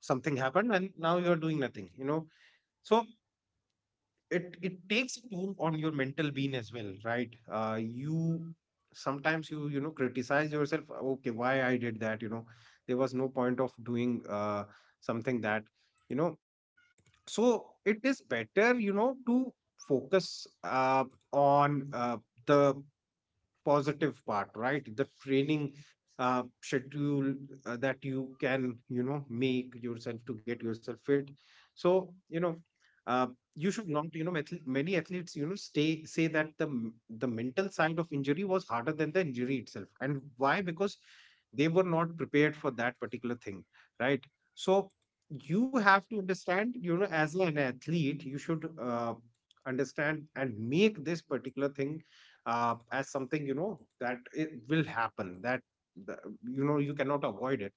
Speaker 2: something happened, and now you're doing nothing? So it takes a toll on your mental being as well, right? You Sometimes you, criticize yourself. Okay, why I did that? There was no point of doing something that, you know, so it is better, to focus on the positive part, right? The training schedule that you can, make yourself to get yourself fit. So, you know uh, you should not, many athletes, stay say that the the mental side of injury was harder than the injury itself. And why? Because they were not prepared for that particular thing, right? So you have to understand, as an athlete, you should understand and make this particular thing, as something, that it will happen, that the, you cannot avoid it,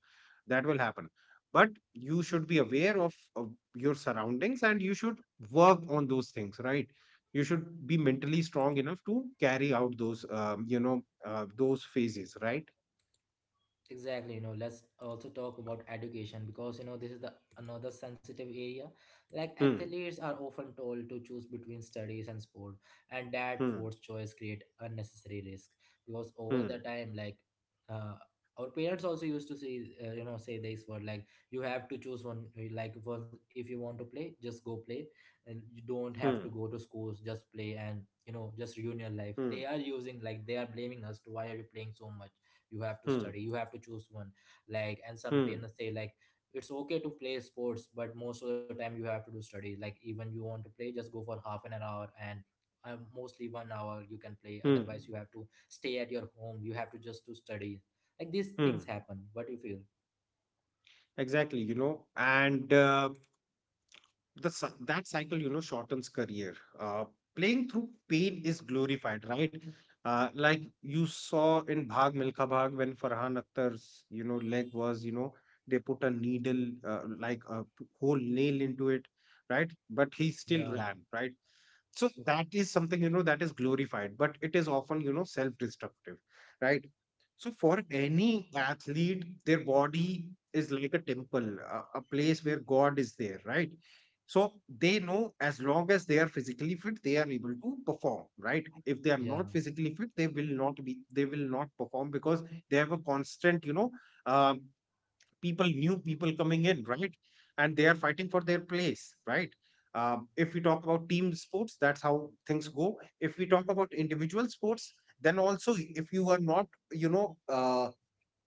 Speaker 2: that will happen. But you should be aware of your surroundings, and you should work on those things, right? You should be mentally strong enough to carry out those you know those phases, right?
Speaker 1: Exactly. Let's also talk about education, because this is the another sensitive area. Like
Speaker 2: Hmm.
Speaker 1: athletes are often told to choose between studies and sport, and that
Speaker 2: Hmm.
Speaker 1: forced choice create unnecessary risk. Because over the
Speaker 2: Hmm.
Speaker 1: time, like uh, our parents also used to say, say this word, like you have to choose one. Like, one, if you want to play just go play, and you don't
Speaker 2: Hmm.
Speaker 1: have to go to schools, just play, and just ruin your life.
Speaker 2: Hmm.
Speaker 1: They are using, like they are blaming us to why are you playing so much. You have to
Speaker 2: Hmm.
Speaker 1: study, you have to choose one. Like, and some
Speaker 2: Hmm.
Speaker 1: parents say like, it's okay to play sports, but most of the time you have to do study. Like, even you want to play, just go for half an hour, and mostly 1 hour you can play, otherwise you
Speaker 2: Hmm.
Speaker 1: have to stay at your home, you have to just to study. Like, these
Speaker 2: Hmm.
Speaker 1: things happen, what do you feel?
Speaker 2: Exactly. And that cycle, shortens career. Playing through pain is glorified, right? Like you saw in Bhag Milka Bhag, when Farhan Akhtar's, leg was, they put a needle, like a whole nail into it, right? But
Speaker 1: Yeah,
Speaker 2: he still ran, right? So that is something, that is glorified, but it is often, self destructive, right? So for any athlete, their body is like a temple, a place where God is there, right? So they know, as long as they are physically fit, they are able to perform, right? If they are
Speaker 1: yeah,
Speaker 2: not physically fit, they will not perform, because they have a constant, um, new people coming in, right? And they are fighting for their place, right? If we talk about team sports, that's how things go. If we talk about individual sports, then also, if you are not, you know, uh,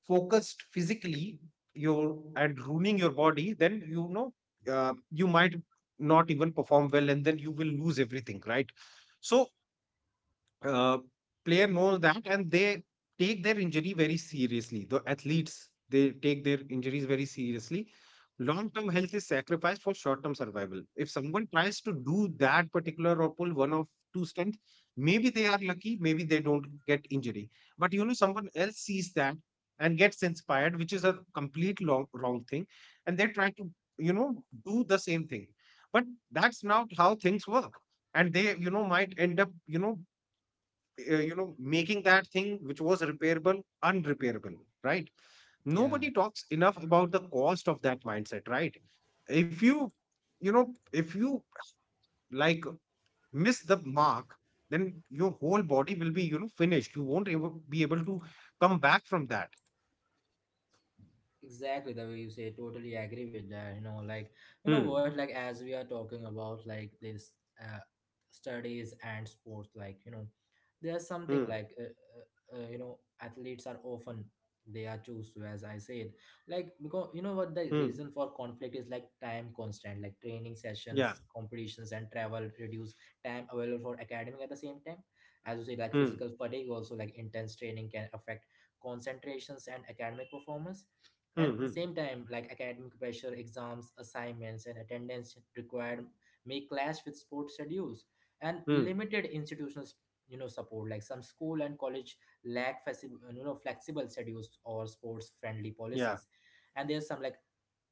Speaker 2: focused physically your and ruining your body, then, you might not even perform well, and then you will lose everything, right? So, uh, player knows that, and they take their injury very seriously. The athletes, they take their injuries very seriously. Long term health is sacrificed for short term survival. If someone tries to do that particular, or pull one of two stunts, maybe they are lucky, maybe they don't get injury. But, someone else sees that and gets inspired, which is a complete wrong thing. And they try to, do the same thing. But that's not how things work. And they, might end up, making that thing which was repairable, unrepairable, right?
Speaker 1: yeah.
Speaker 2: Nobody talks enough about the cost of that mindset, right? if you you know If you, like, miss the mark, then your whole body will be, finished. You won't able, be able to come back from that.
Speaker 1: Exactly the way you say, totally agree with that. Like, you know what
Speaker 2: Hmm.
Speaker 1: like as we are talking about like this uh, studies and sports, like, there's something
Speaker 2: Hmm.
Speaker 1: like athletes are often, they are choose to, as I said, like, because you know what the
Speaker 2: Hmm.
Speaker 1: reason for conflict is, like time constant, like training
Speaker 2: Yeah.
Speaker 1: sessions, competitions, and travel reduce time available for academic. At the same time, as you say, like
Speaker 2: Hmm.
Speaker 1: physical fatigue also, like intense training can affect concentrations and academic performance. And
Speaker 2: Hmm. Hmm.
Speaker 1: same time, like academic pressure, exams, assignments, and attendance required may clash with sports schedules, and
Speaker 2: Hmm.
Speaker 1: limited institutional, support, like some school and college lack flexible schedules or sports friendly
Speaker 2: Yeah.
Speaker 1: policies. And there's some like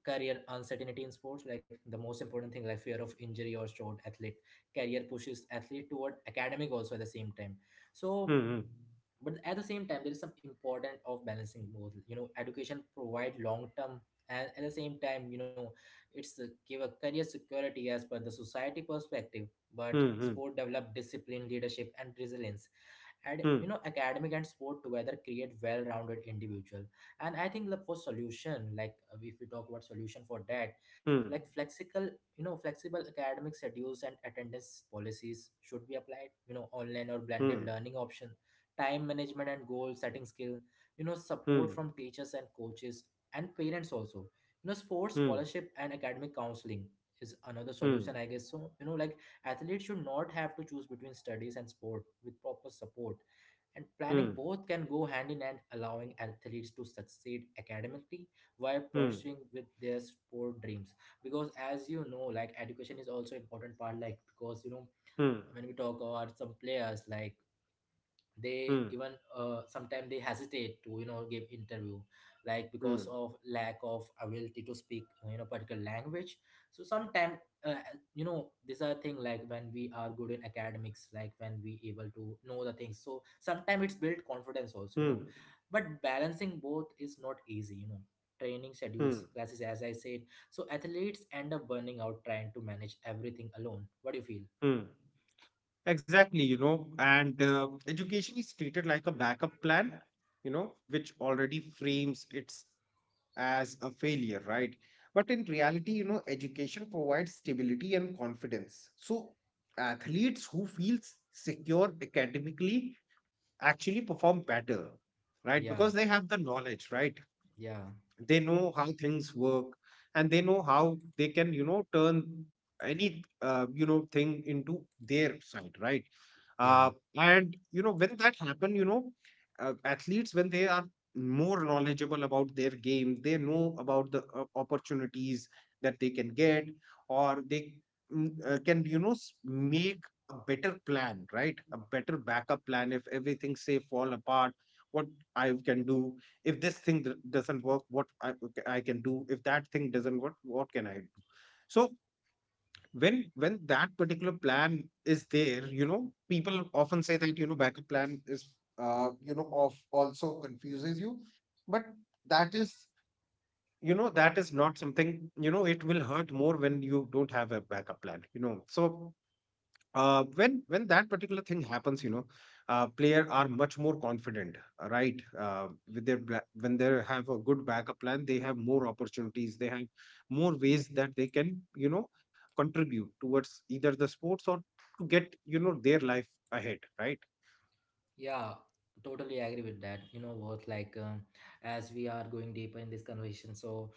Speaker 1: career uncertainty in sports, like the most important thing, like fear of injury or short athlete career pushes athlete toward academic also at the same time.
Speaker 2: Hmm.
Speaker 1: So,
Speaker 2: Hmm.
Speaker 1: but at the same time there is some important of balancing both. Education provide long term, and at the same time it's, give a career security as per the society perspective. But
Speaker 2: Hmm.
Speaker 1: sport develop discipline, leadership, and resilience. And,
Speaker 2: Hmm.
Speaker 1: academic and sport together create well-rounded individual. And I think the for solution, like if we talk about solution for that,
Speaker 2: Hmm.
Speaker 1: like flexible, flexible academic schedules and attendance policies should be applied, online or blended
Speaker 2: Hmm.
Speaker 1: learning option, time management and goal setting skill,
Speaker 2: Hmm.
Speaker 1: support
Speaker 2: Hmm.
Speaker 1: from teachers and coaches, and parents also. Sports
Speaker 2: Hmm.
Speaker 1: scholarship and academic counseling is another
Speaker 2: Hmm. Hmm.
Speaker 1: solution, I guess. So, like, athletes should not have to choose between studies and sport. With proper support and planning,
Speaker 2: Hmm.
Speaker 1: both can go hand in hand, allowing athletes to succeed academically while
Speaker 2: Hmm.
Speaker 1: pursuing with their sport dreams. Because as you know, like education is also important part. Like because,
Speaker 2: Hmm.
Speaker 1: when we talk about some players, like they
Speaker 2: Hmm.
Speaker 1: even sometimes they hesitate to, give interview, like because
Speaker 2: Hmm,
Speaker 1: of lack of ability to speak, particular language. So sometimes, uh, these are thing, like when we are good in academics, like when we able to know the things, so sometimes it's built confidence also.
Speaker 2: hmm,
Speaker 1: But balancing both is not easy. Training schedules,
Speaker 2: hmm,
Speaker 1: classes, as I said. So athletes end up burning out trying to manage everything alone. What do you feel?
Speaker 2: hmm, Exactly, and education is treated like a backup plan, which already frames it as a failure, right? But in reality, education provides stability and confidence. So athletes who feel secure academically actually perform better, right?
Speaker 1: Yeah,
Speaker 2: Because they have the knowledge, right?
Speaker 1: yeah,
Speaker 2: They know how things work, and they know how they can, turn any, thing into their side, right?
Speaker 1: yeah.
Speaker 2: uh, and, when that happen, athletes, when they are more knowledgeable about their game, they know about the opportunities that they can get, or they can, make a better plan, right? A better backup plan. If everything, say, fall apart, what I can do, if this thing doesn't work, what I can do, if that thing doesn't work, what can I do? So, when that particular plan is there, people often say that, backup plan is, of also confuses you. But that is, that is not something, it will hurt more when you don't have a backup plan, so when, that particular thing happens, player are much more confident, right? With their when they have a good backup plan, they have more opportunities. They have more ways that they can, contribute towards either the sports, or to get, their life ahead, right?
Speaker 1: Yeah, totally agree with that. You know what? Like, as we are going deeper in this conversation, so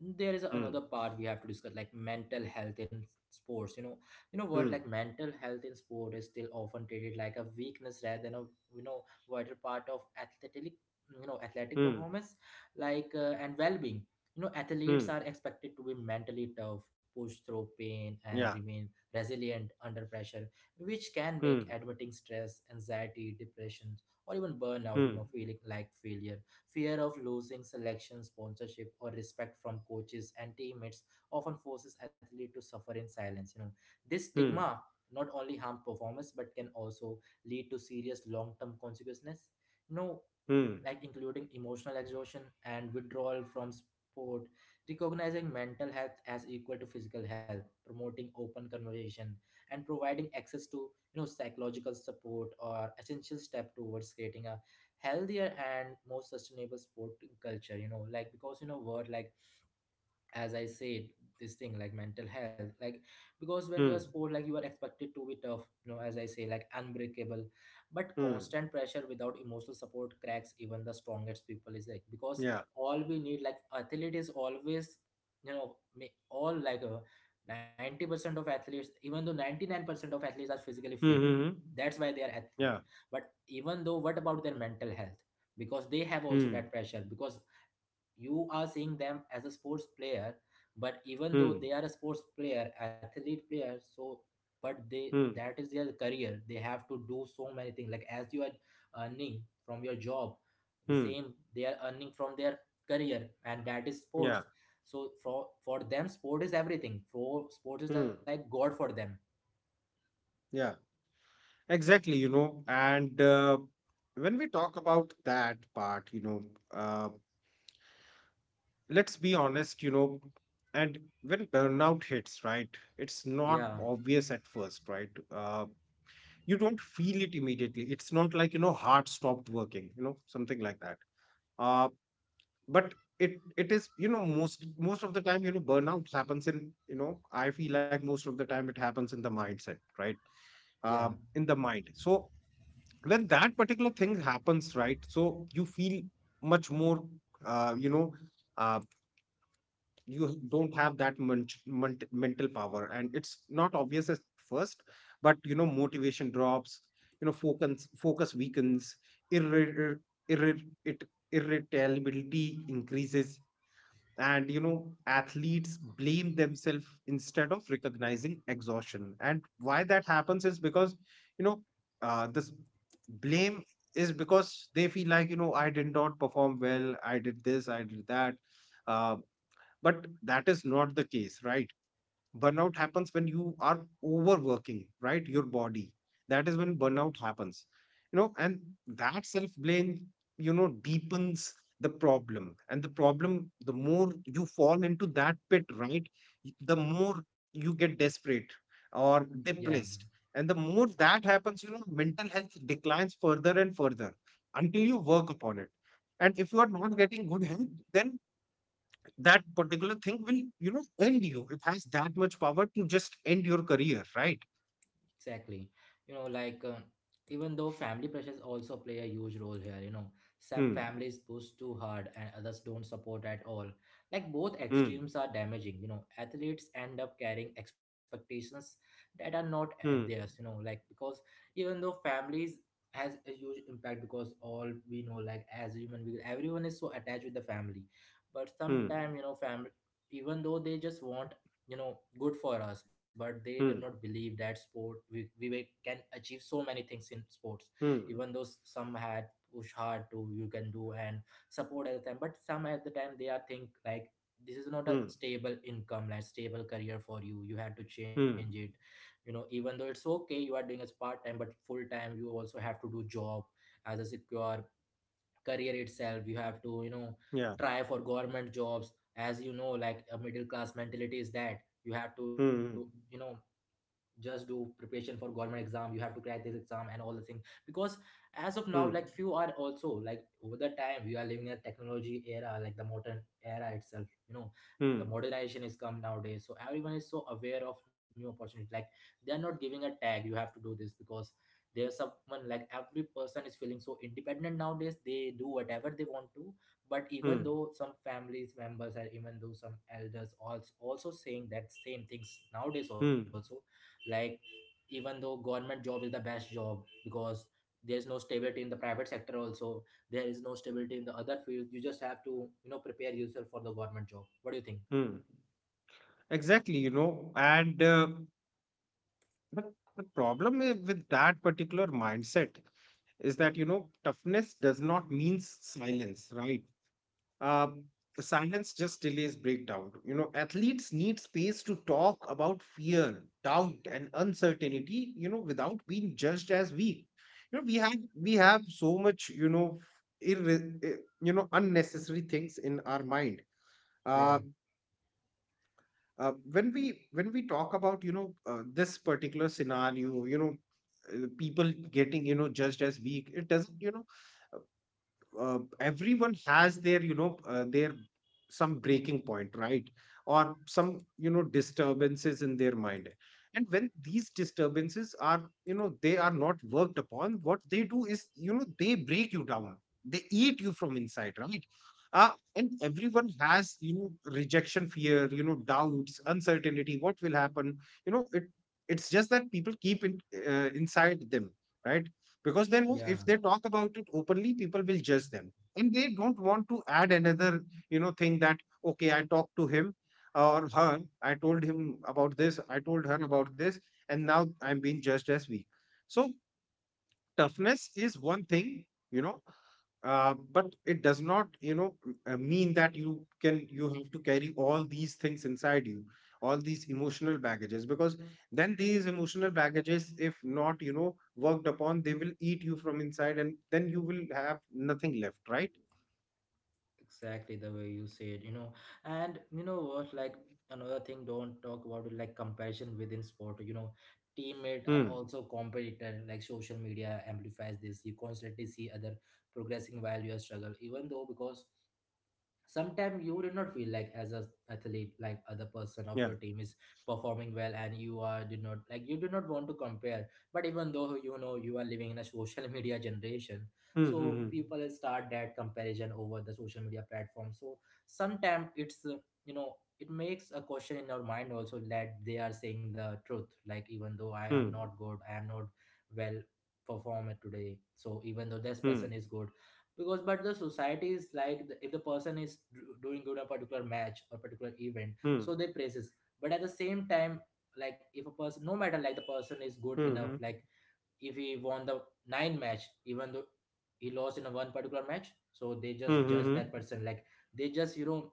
Speaker 1: there is another
Speaker 2: Hmm.
Speaker 1: part we have to discuss, like mental health in sports. You know what Like
Speaker 2: Hmm.
Speaker 1: mental health in sport is still often treated like a weakness rather than a, wider part of athletic, athletic
Speaker 2: Hmm.
Speaker 1: performance, like and well-being. Athletes
Speaker 2: Hmm.
Speaker 1: are expected to be mentally tough, push through pain, and
Speaker 2: Yeah.
Speaker 1: remain resilient under pressure, which can make
Speaker 2: Hmm.
Speaker 1: admitting stress, anxiety, depression, or even burnout,
Speaker 2: Hmm.
Speaker 1: feeling like failure. Fear of losing selection, sponsorship, or respect from coaches and teammates often forces athletes to suffer in silence. This stigma
Speaker 2: Hmm.
Speaker 1: not only harm performance but can also lead to serious long-term consequences. No,
Speaker 2: Hmm.
Speaker 1: like including emotional exhaustion and withdrawal from sport, recognizing mental health as equal to physical health, promoting open conversation, and providing access to psychological support or essential step towards creating a healthier and more sustainable sporting culture. You know, like because you know word like as I said, this thing like mental health, like because when you're
Speaker 2: Hmm.
Speaker 1: sport, like you are expected to be tough, you know, as I say, like unbreakable, but
Speaker 2: Hmm.
Speaker 1: constant pressure without emotional support cracks even the strongest people is like because
Speaker 2: Yeah.
Speaker 1: all we need, like athlete is always, you know, all like a 90% of athletes, even though 99% of athletes are physically fit,
Speaker 2: Hmm. Hmm.
Speaker 1: that's why they are
Speaker 2: Hmm.
Speaker 1: athlete.
Speaker 2: Yeah.
Speaker 1: But even though, what about their mental health? Because they have also that
Speaker 2: Hmm.
Speaker 1: pressure because you are seeing them as a sports player but even though they
Speaker 2: Hmm.
Speaker 1: are a sports player athlete player so but they
Speaker 2: Hmm.
Speaker 1: that is their career they have to do so many things like as you are earning from your job the
Speaker 2: Hmm.
Speaker 1: same they are earning from their career and that is sports
Speaker 2: Yeah.
Speaker 1: so for them sport is everything for sports is
Speaker 2: Hmm.
Speaker 1: like god for them.
Speaker 2: Yeah, exactly. And when we talk about that part, uh, let's be honest, and when burnout hits, right, it's
Speaker 1: Yeah,
Speaker 2: not obvious at first, right? You don't feel it immediately. It's not like, heart stopped working, something like that. Uh, but it is, most of the time, burnout happens in, I feel like most of the time it happens in the mindset, right?
Speaker 1: yeah,
Speaker 2: In the mind. So when that particular thing happens, right? So you feel much more, uh, you know uh, you don't have that munch, munt mental power, and it's not obvious at first. But, motivation drops, focus weakens, irri- irritability increases, and, athletes blame themselves instead of recognizing exhaustion. And why that happens is because, you know this blame is because they feel like, I did not perform well, I did this, I did that. uh, but that is not the case, right? Burnout happens when you are overworking, right? Your body, that is when burnout happens, and that self blame, deepens the problem. And the more you fall into that pit, right? The more you get desperate or
Speaker 1: yeah.
Speaker 2: depressed. And the more that happens, mental health declines further and further, until you work upon it. And if you are not getting good help, then that particular thing will, end you. It has that much power to just end your career, right?
Speaker 1: Exactly. You know, like even though family pressures also play a huge role here, you know, some
Speaker 2: Hmm.
Speaker 1: families push too hard and others don't support at all. Like both
Speaker 2: Hmm.
Speaker 1: extremes are damaging, you know, athletes end up carrying expectations that are not
Speaker 2: Hmm.
Speaker 1: theirs, you know, like because even though families has a huge impact because all we know like as human beings everyone is so attached with the family but
Speaker 2: Hmm.
Speaker 1: sometimes you know family even though they just want you know good for us but they did not
Speaker 2: Hmm.
Speaker 1: believe that sport we were- can achieve so many things in sports
Speaker 2: Hmm.
Speaker 1: even though some had push hard to you can do and support at the time but some at the time they are think like this is not a
Speaker 2: Hmm.
Speaker 1: stable income like stable career for you you had to change
Speaker 2: Hmm.
Speaker 1: it. You know even though it's okay you are doing as part time but full time you also have to do job as a secure career itself you have to you know
Speaker 2: Yeah.
Speaker 1: try for government jobs as you know like a middle class mentality is that you have to you
Speaker 2: Hmm.
Speaker 1: know just do preparation for government exam you have to crack this exam and all the things because as of now
Speaker 2: Hmm. Hmm.
Speaker 1: like few are also like over the time we are living in a technology era like the modern era itself you know the
Speaker 2: Hmm.
Speaker 1: modernization is come nowadays so everyone is so aware of new opportunities like they are not giving a tag you have to do this because there's someone like every person is feeling so independent nowadays they do whatever they want to but even
Speaker 2: Hmm.
Speaker 1: though some families members and even though some elders also saying that same things nowadays also.
Speaker 2: Hmm.
Speaker 1: Like even though government job is the best job because there's no stability in the private sector also, there is no stability in the other fields. You just have to you know prepare yourself for the government job. What do you think?
Speaker 2: Hmm. Exactly. And the, the problem with that particular mindset is that, toughness does not mean silence, right? uh, Silence just delays breakdown. Athletes need space to talk about fear, doubt, and uncertainty, without being judged as weak. We have so much. Irre- eh, unnecessary things in our mind.
Speaker 1: Yeah,
Speaker 2: Uh, when we talk about this particular scenario, people getting judged as weak, it doesn't everyone has their their some breaking point, right? Or some disturbances in their mind. And when these disturbances are, they are not worked upon, what they do is, they break you down, they eat you from inside, right? And everyone has, rejection, fear, doubts, uncertainty, what will happen, it, it's just that people keep it inside them, right? Because then
Speaker 1: yeah,
Speaker 2: if they talk about it openly, people will judge them, and they don't want to add another thing that, okay, I talked to him or her, I told him about this, I told her about this, and now I'm being judged as weak. So toughness is one thing, you know, but it does not, mean that you can, you have to carry all these things inside you, all these emotional baggages, because then these emotional baggages, if not, worked upon, they will eat you from inside and then you will have nothing left, right?
Speaker 1: exactly the way you said, you know. And you know what, like another thing don't talk about it, like comparison within sport you know teammates are
Speaker 2: Hmm.
Speaker 1: also competitor like social media amplifies this you constantly see other progressing while you are struggle even though because sometimes you do not feel like as a athlete like other person of
Speaker 2: Yeah.
Speaker 1: your team is performing well and you are did not like you do not want to compare but even though you know you are living in a social media generation
Speaker 2: Hmm.
Speaker 1: so
Speaker 2: Hmm.
Speaker 1: people will start that comparison over the social media platform so sometimes it's you know it makes a question in our mind also that they are saying the truth like even though I am
Speaker 2: Hmm.
Speaker 1: not good I am not well performed today so even though this
Speaker 2: Hmm.
Speaker 1: person is good because but the society is like the, if the person is doing good a particular match or particular event
Speaker 2: Hmm.
Speaker 1: so they praises but at the same time like if a person no matter like the person is good enough
Speaker 2: Hmm.
Speaker 1: like if he won the nine match even though he lost in a one particular match so they just judge
Speaker 2: Hmm.
Speaker 1: that person like they just you know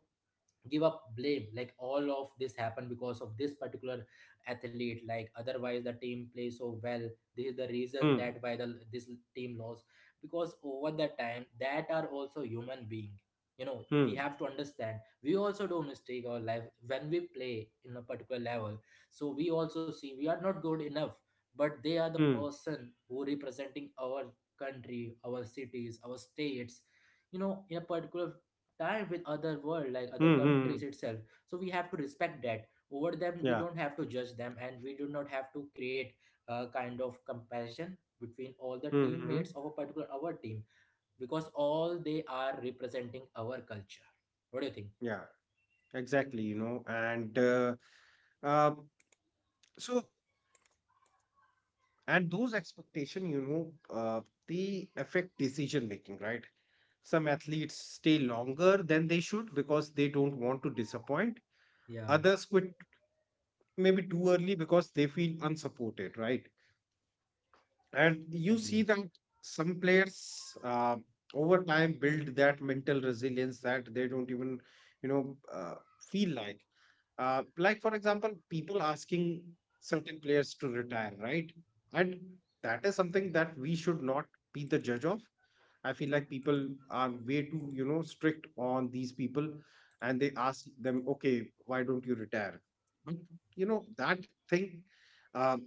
Speaker 1: give up blame like all of this happened because of this particular athlete like otherwise the team plays so well this is the
Speaker 2: Hmm.
Speaker 1: reason
Speaker 2: Hmm. Hmm.
Speaker 1: that why the this team lost because over the time that are also human being, you know,
Speaker 2: Hmm.
Speaker 1: we
Speaker 2: Hmm.
Speaker 1: have to understand we also do mistake our life when we play in a particular level so we also see we are not good enough but they are the
Speaker 2: Hmm.
Speaker 1: person who representing our country our cities our states you know in a particular time with other world like other
Speaker 2: Hmm. Hmm.
Speaker 1: countries itself so we have to respect that over them we
Speaker 2: Yeah.
Speaker 1: don't have to judge them and we do not have to create a kind of comparison between all the
Speaker 2: Hmm. Hmm.
Speaker 1: teammates of a particular our team because all they are representing our culture. What do you think?
Speaker 2: Yeah. Exactly, you know, and uh, so and those expectation, they affect decision making, right? Some athletes stay longer than they should because they don't want to disappoint.
Speaker 1: Yeah,
Speaker 2: Others quit maybe too early because they feel unsupported, right? And you
Speaker 1: exactly
Speaker 2: see that some players over time build that mental resilience that they don't even, you know, uh, feel like. Like for example, people asking certain players to retire, right? And that is something that we should not be the judge of. I feel like people are way too, strict on these people, and they ask them, okay, why don't you retire? But you know that thing, um,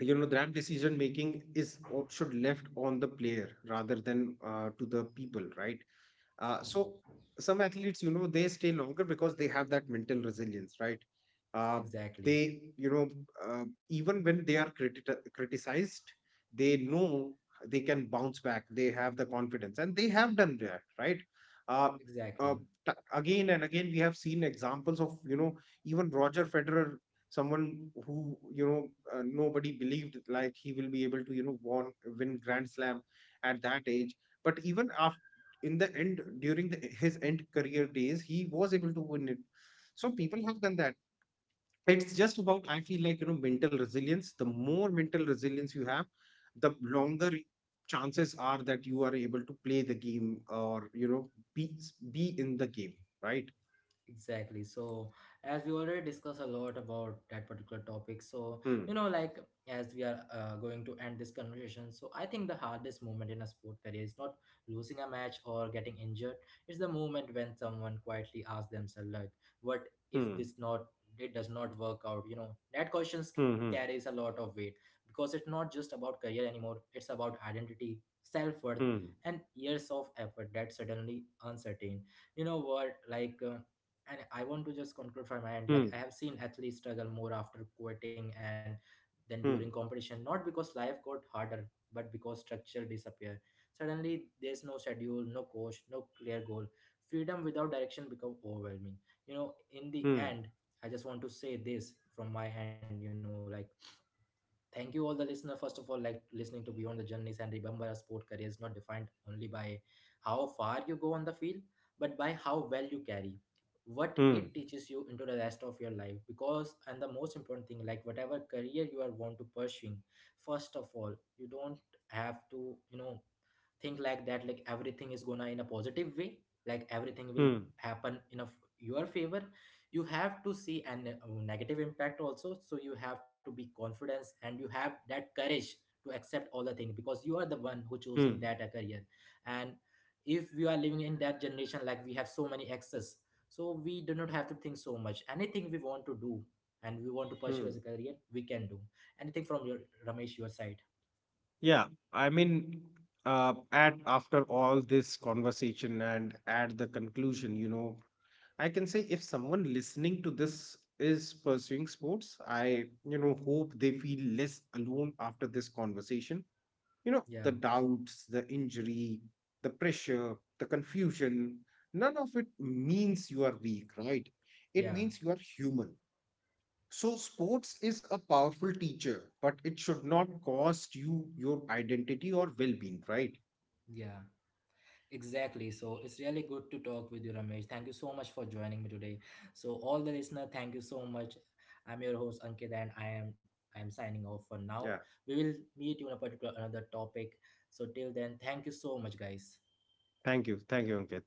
Speaker 2: you know that decision making is should left on the player rather than to the people, right? So some athletes, they stay longer because they have that mental resilience, right? Uh,
Speaker 1: exactly
Speaker 2: they, uh, even when they are criticized, they know they can bounce back. They have the confidence, and they have done that, right? Uh, uh,
Speaker 1: exactly
Speaker 2: Again and again, we have seen examples of, even Roger Federer, someone who, nobody believed like he will be able to, won, win Grand Slam at that age, but even af in the end during the, his end career days, he was able to win it. So people have done that. It's just about, I feel like, mental resilience, the more mental resilience you have, the longer chances are that you are able to play the game, or be in the game, right?
Speaker 1: Exactly. So, as we already discussed a lot about that particular topic, so
Speaker 2: Hmm.
Speaker 1: you know, like as we are going to end this conversation, so I think the hardest moment in a sport career is not losing a match or getting injured. It's the moment when someone quietly asks themselves, like, "What if
Speaker 2: Hmm.
Speaker 1: this not it does not work out?" You know, that question carries
Speaker 2: Hmm.
Speaker 1: a lot of weight because it's not just about career anymore. It's about identity, self worth,
Speaker 2: Hmm.
Speaker 1: and years of effort that suddenly uncertain. You know what, like. And I want to just conclude from my end.
Speaker 2: Hmm.
Speaker 1: Like I have seen athletes struggle more after quitting and then during
Speaker 2: Hmm.
Speaker 1: competition, not because life got harder, but because structure disappear. Suddenly, there's no schedule, no coach, no clear goal. Freedom without direction become overwhelming. You know, in the
Speaker 2: Hmm.
Speaker 1: end, I just want to say this from my end. You know, like thank you all the listener first of all like listening to Beyond the Journeys and remember a sport career is not defined only by how far you go on the field but by how well you carry what
Speaker 2: Hmm.
Speaker 1: it
Speaker 2: Hmm.
Speaker 1: teaches you into the rest of your life because and the most important thing like whatever career you are want to pursuing first of all you don't have to you know think like that like everything is gonna in a positive way like everything will
Speaker 2: Hmm.
Speaker 1: happen in a your favor. You have to see an negative impact also so you have to be confidence and you have that courage to accept all the things because you are the one who
Speaker 2: Hmm.
Speaker 1: choosing that a career and if we are living in that generation like we have so many access so we do not have to think so much anything we want to do and we want to pursue
Speaker 2: Hmm.
Speaker 1: as a career we can do anything from your Ramesh your side.
Speaker 2: Yeah, I mean, at after all this conversation and at the conclusion, I can say if someone listening to this is pursuing sports, I, hope they feel less alone after this conversation. You know,
Speaker 1: Yeah,
Speaker 2: the doubts, the injury, the pressure, the confusion, none of it means you are weak, right? It
Speaker 1: yeah,
Speaker 2: means you are human. So sports is a powerful teacher, but it should not cost you your identity or well being, right?
Speaker 1: yeah. Exactly. So it's really good to talk with you, Ramesh. Thank you so much for joining me today. So all the listener, thank you so much. I'm your host Ankit, and I am signing off for now.
Speaker 2: Yeah.
Speaker 1: We will meet you on a particular another topic. So till then, thank you so much, guys.
Speaker 2: Thank you. Thank you, Ankit.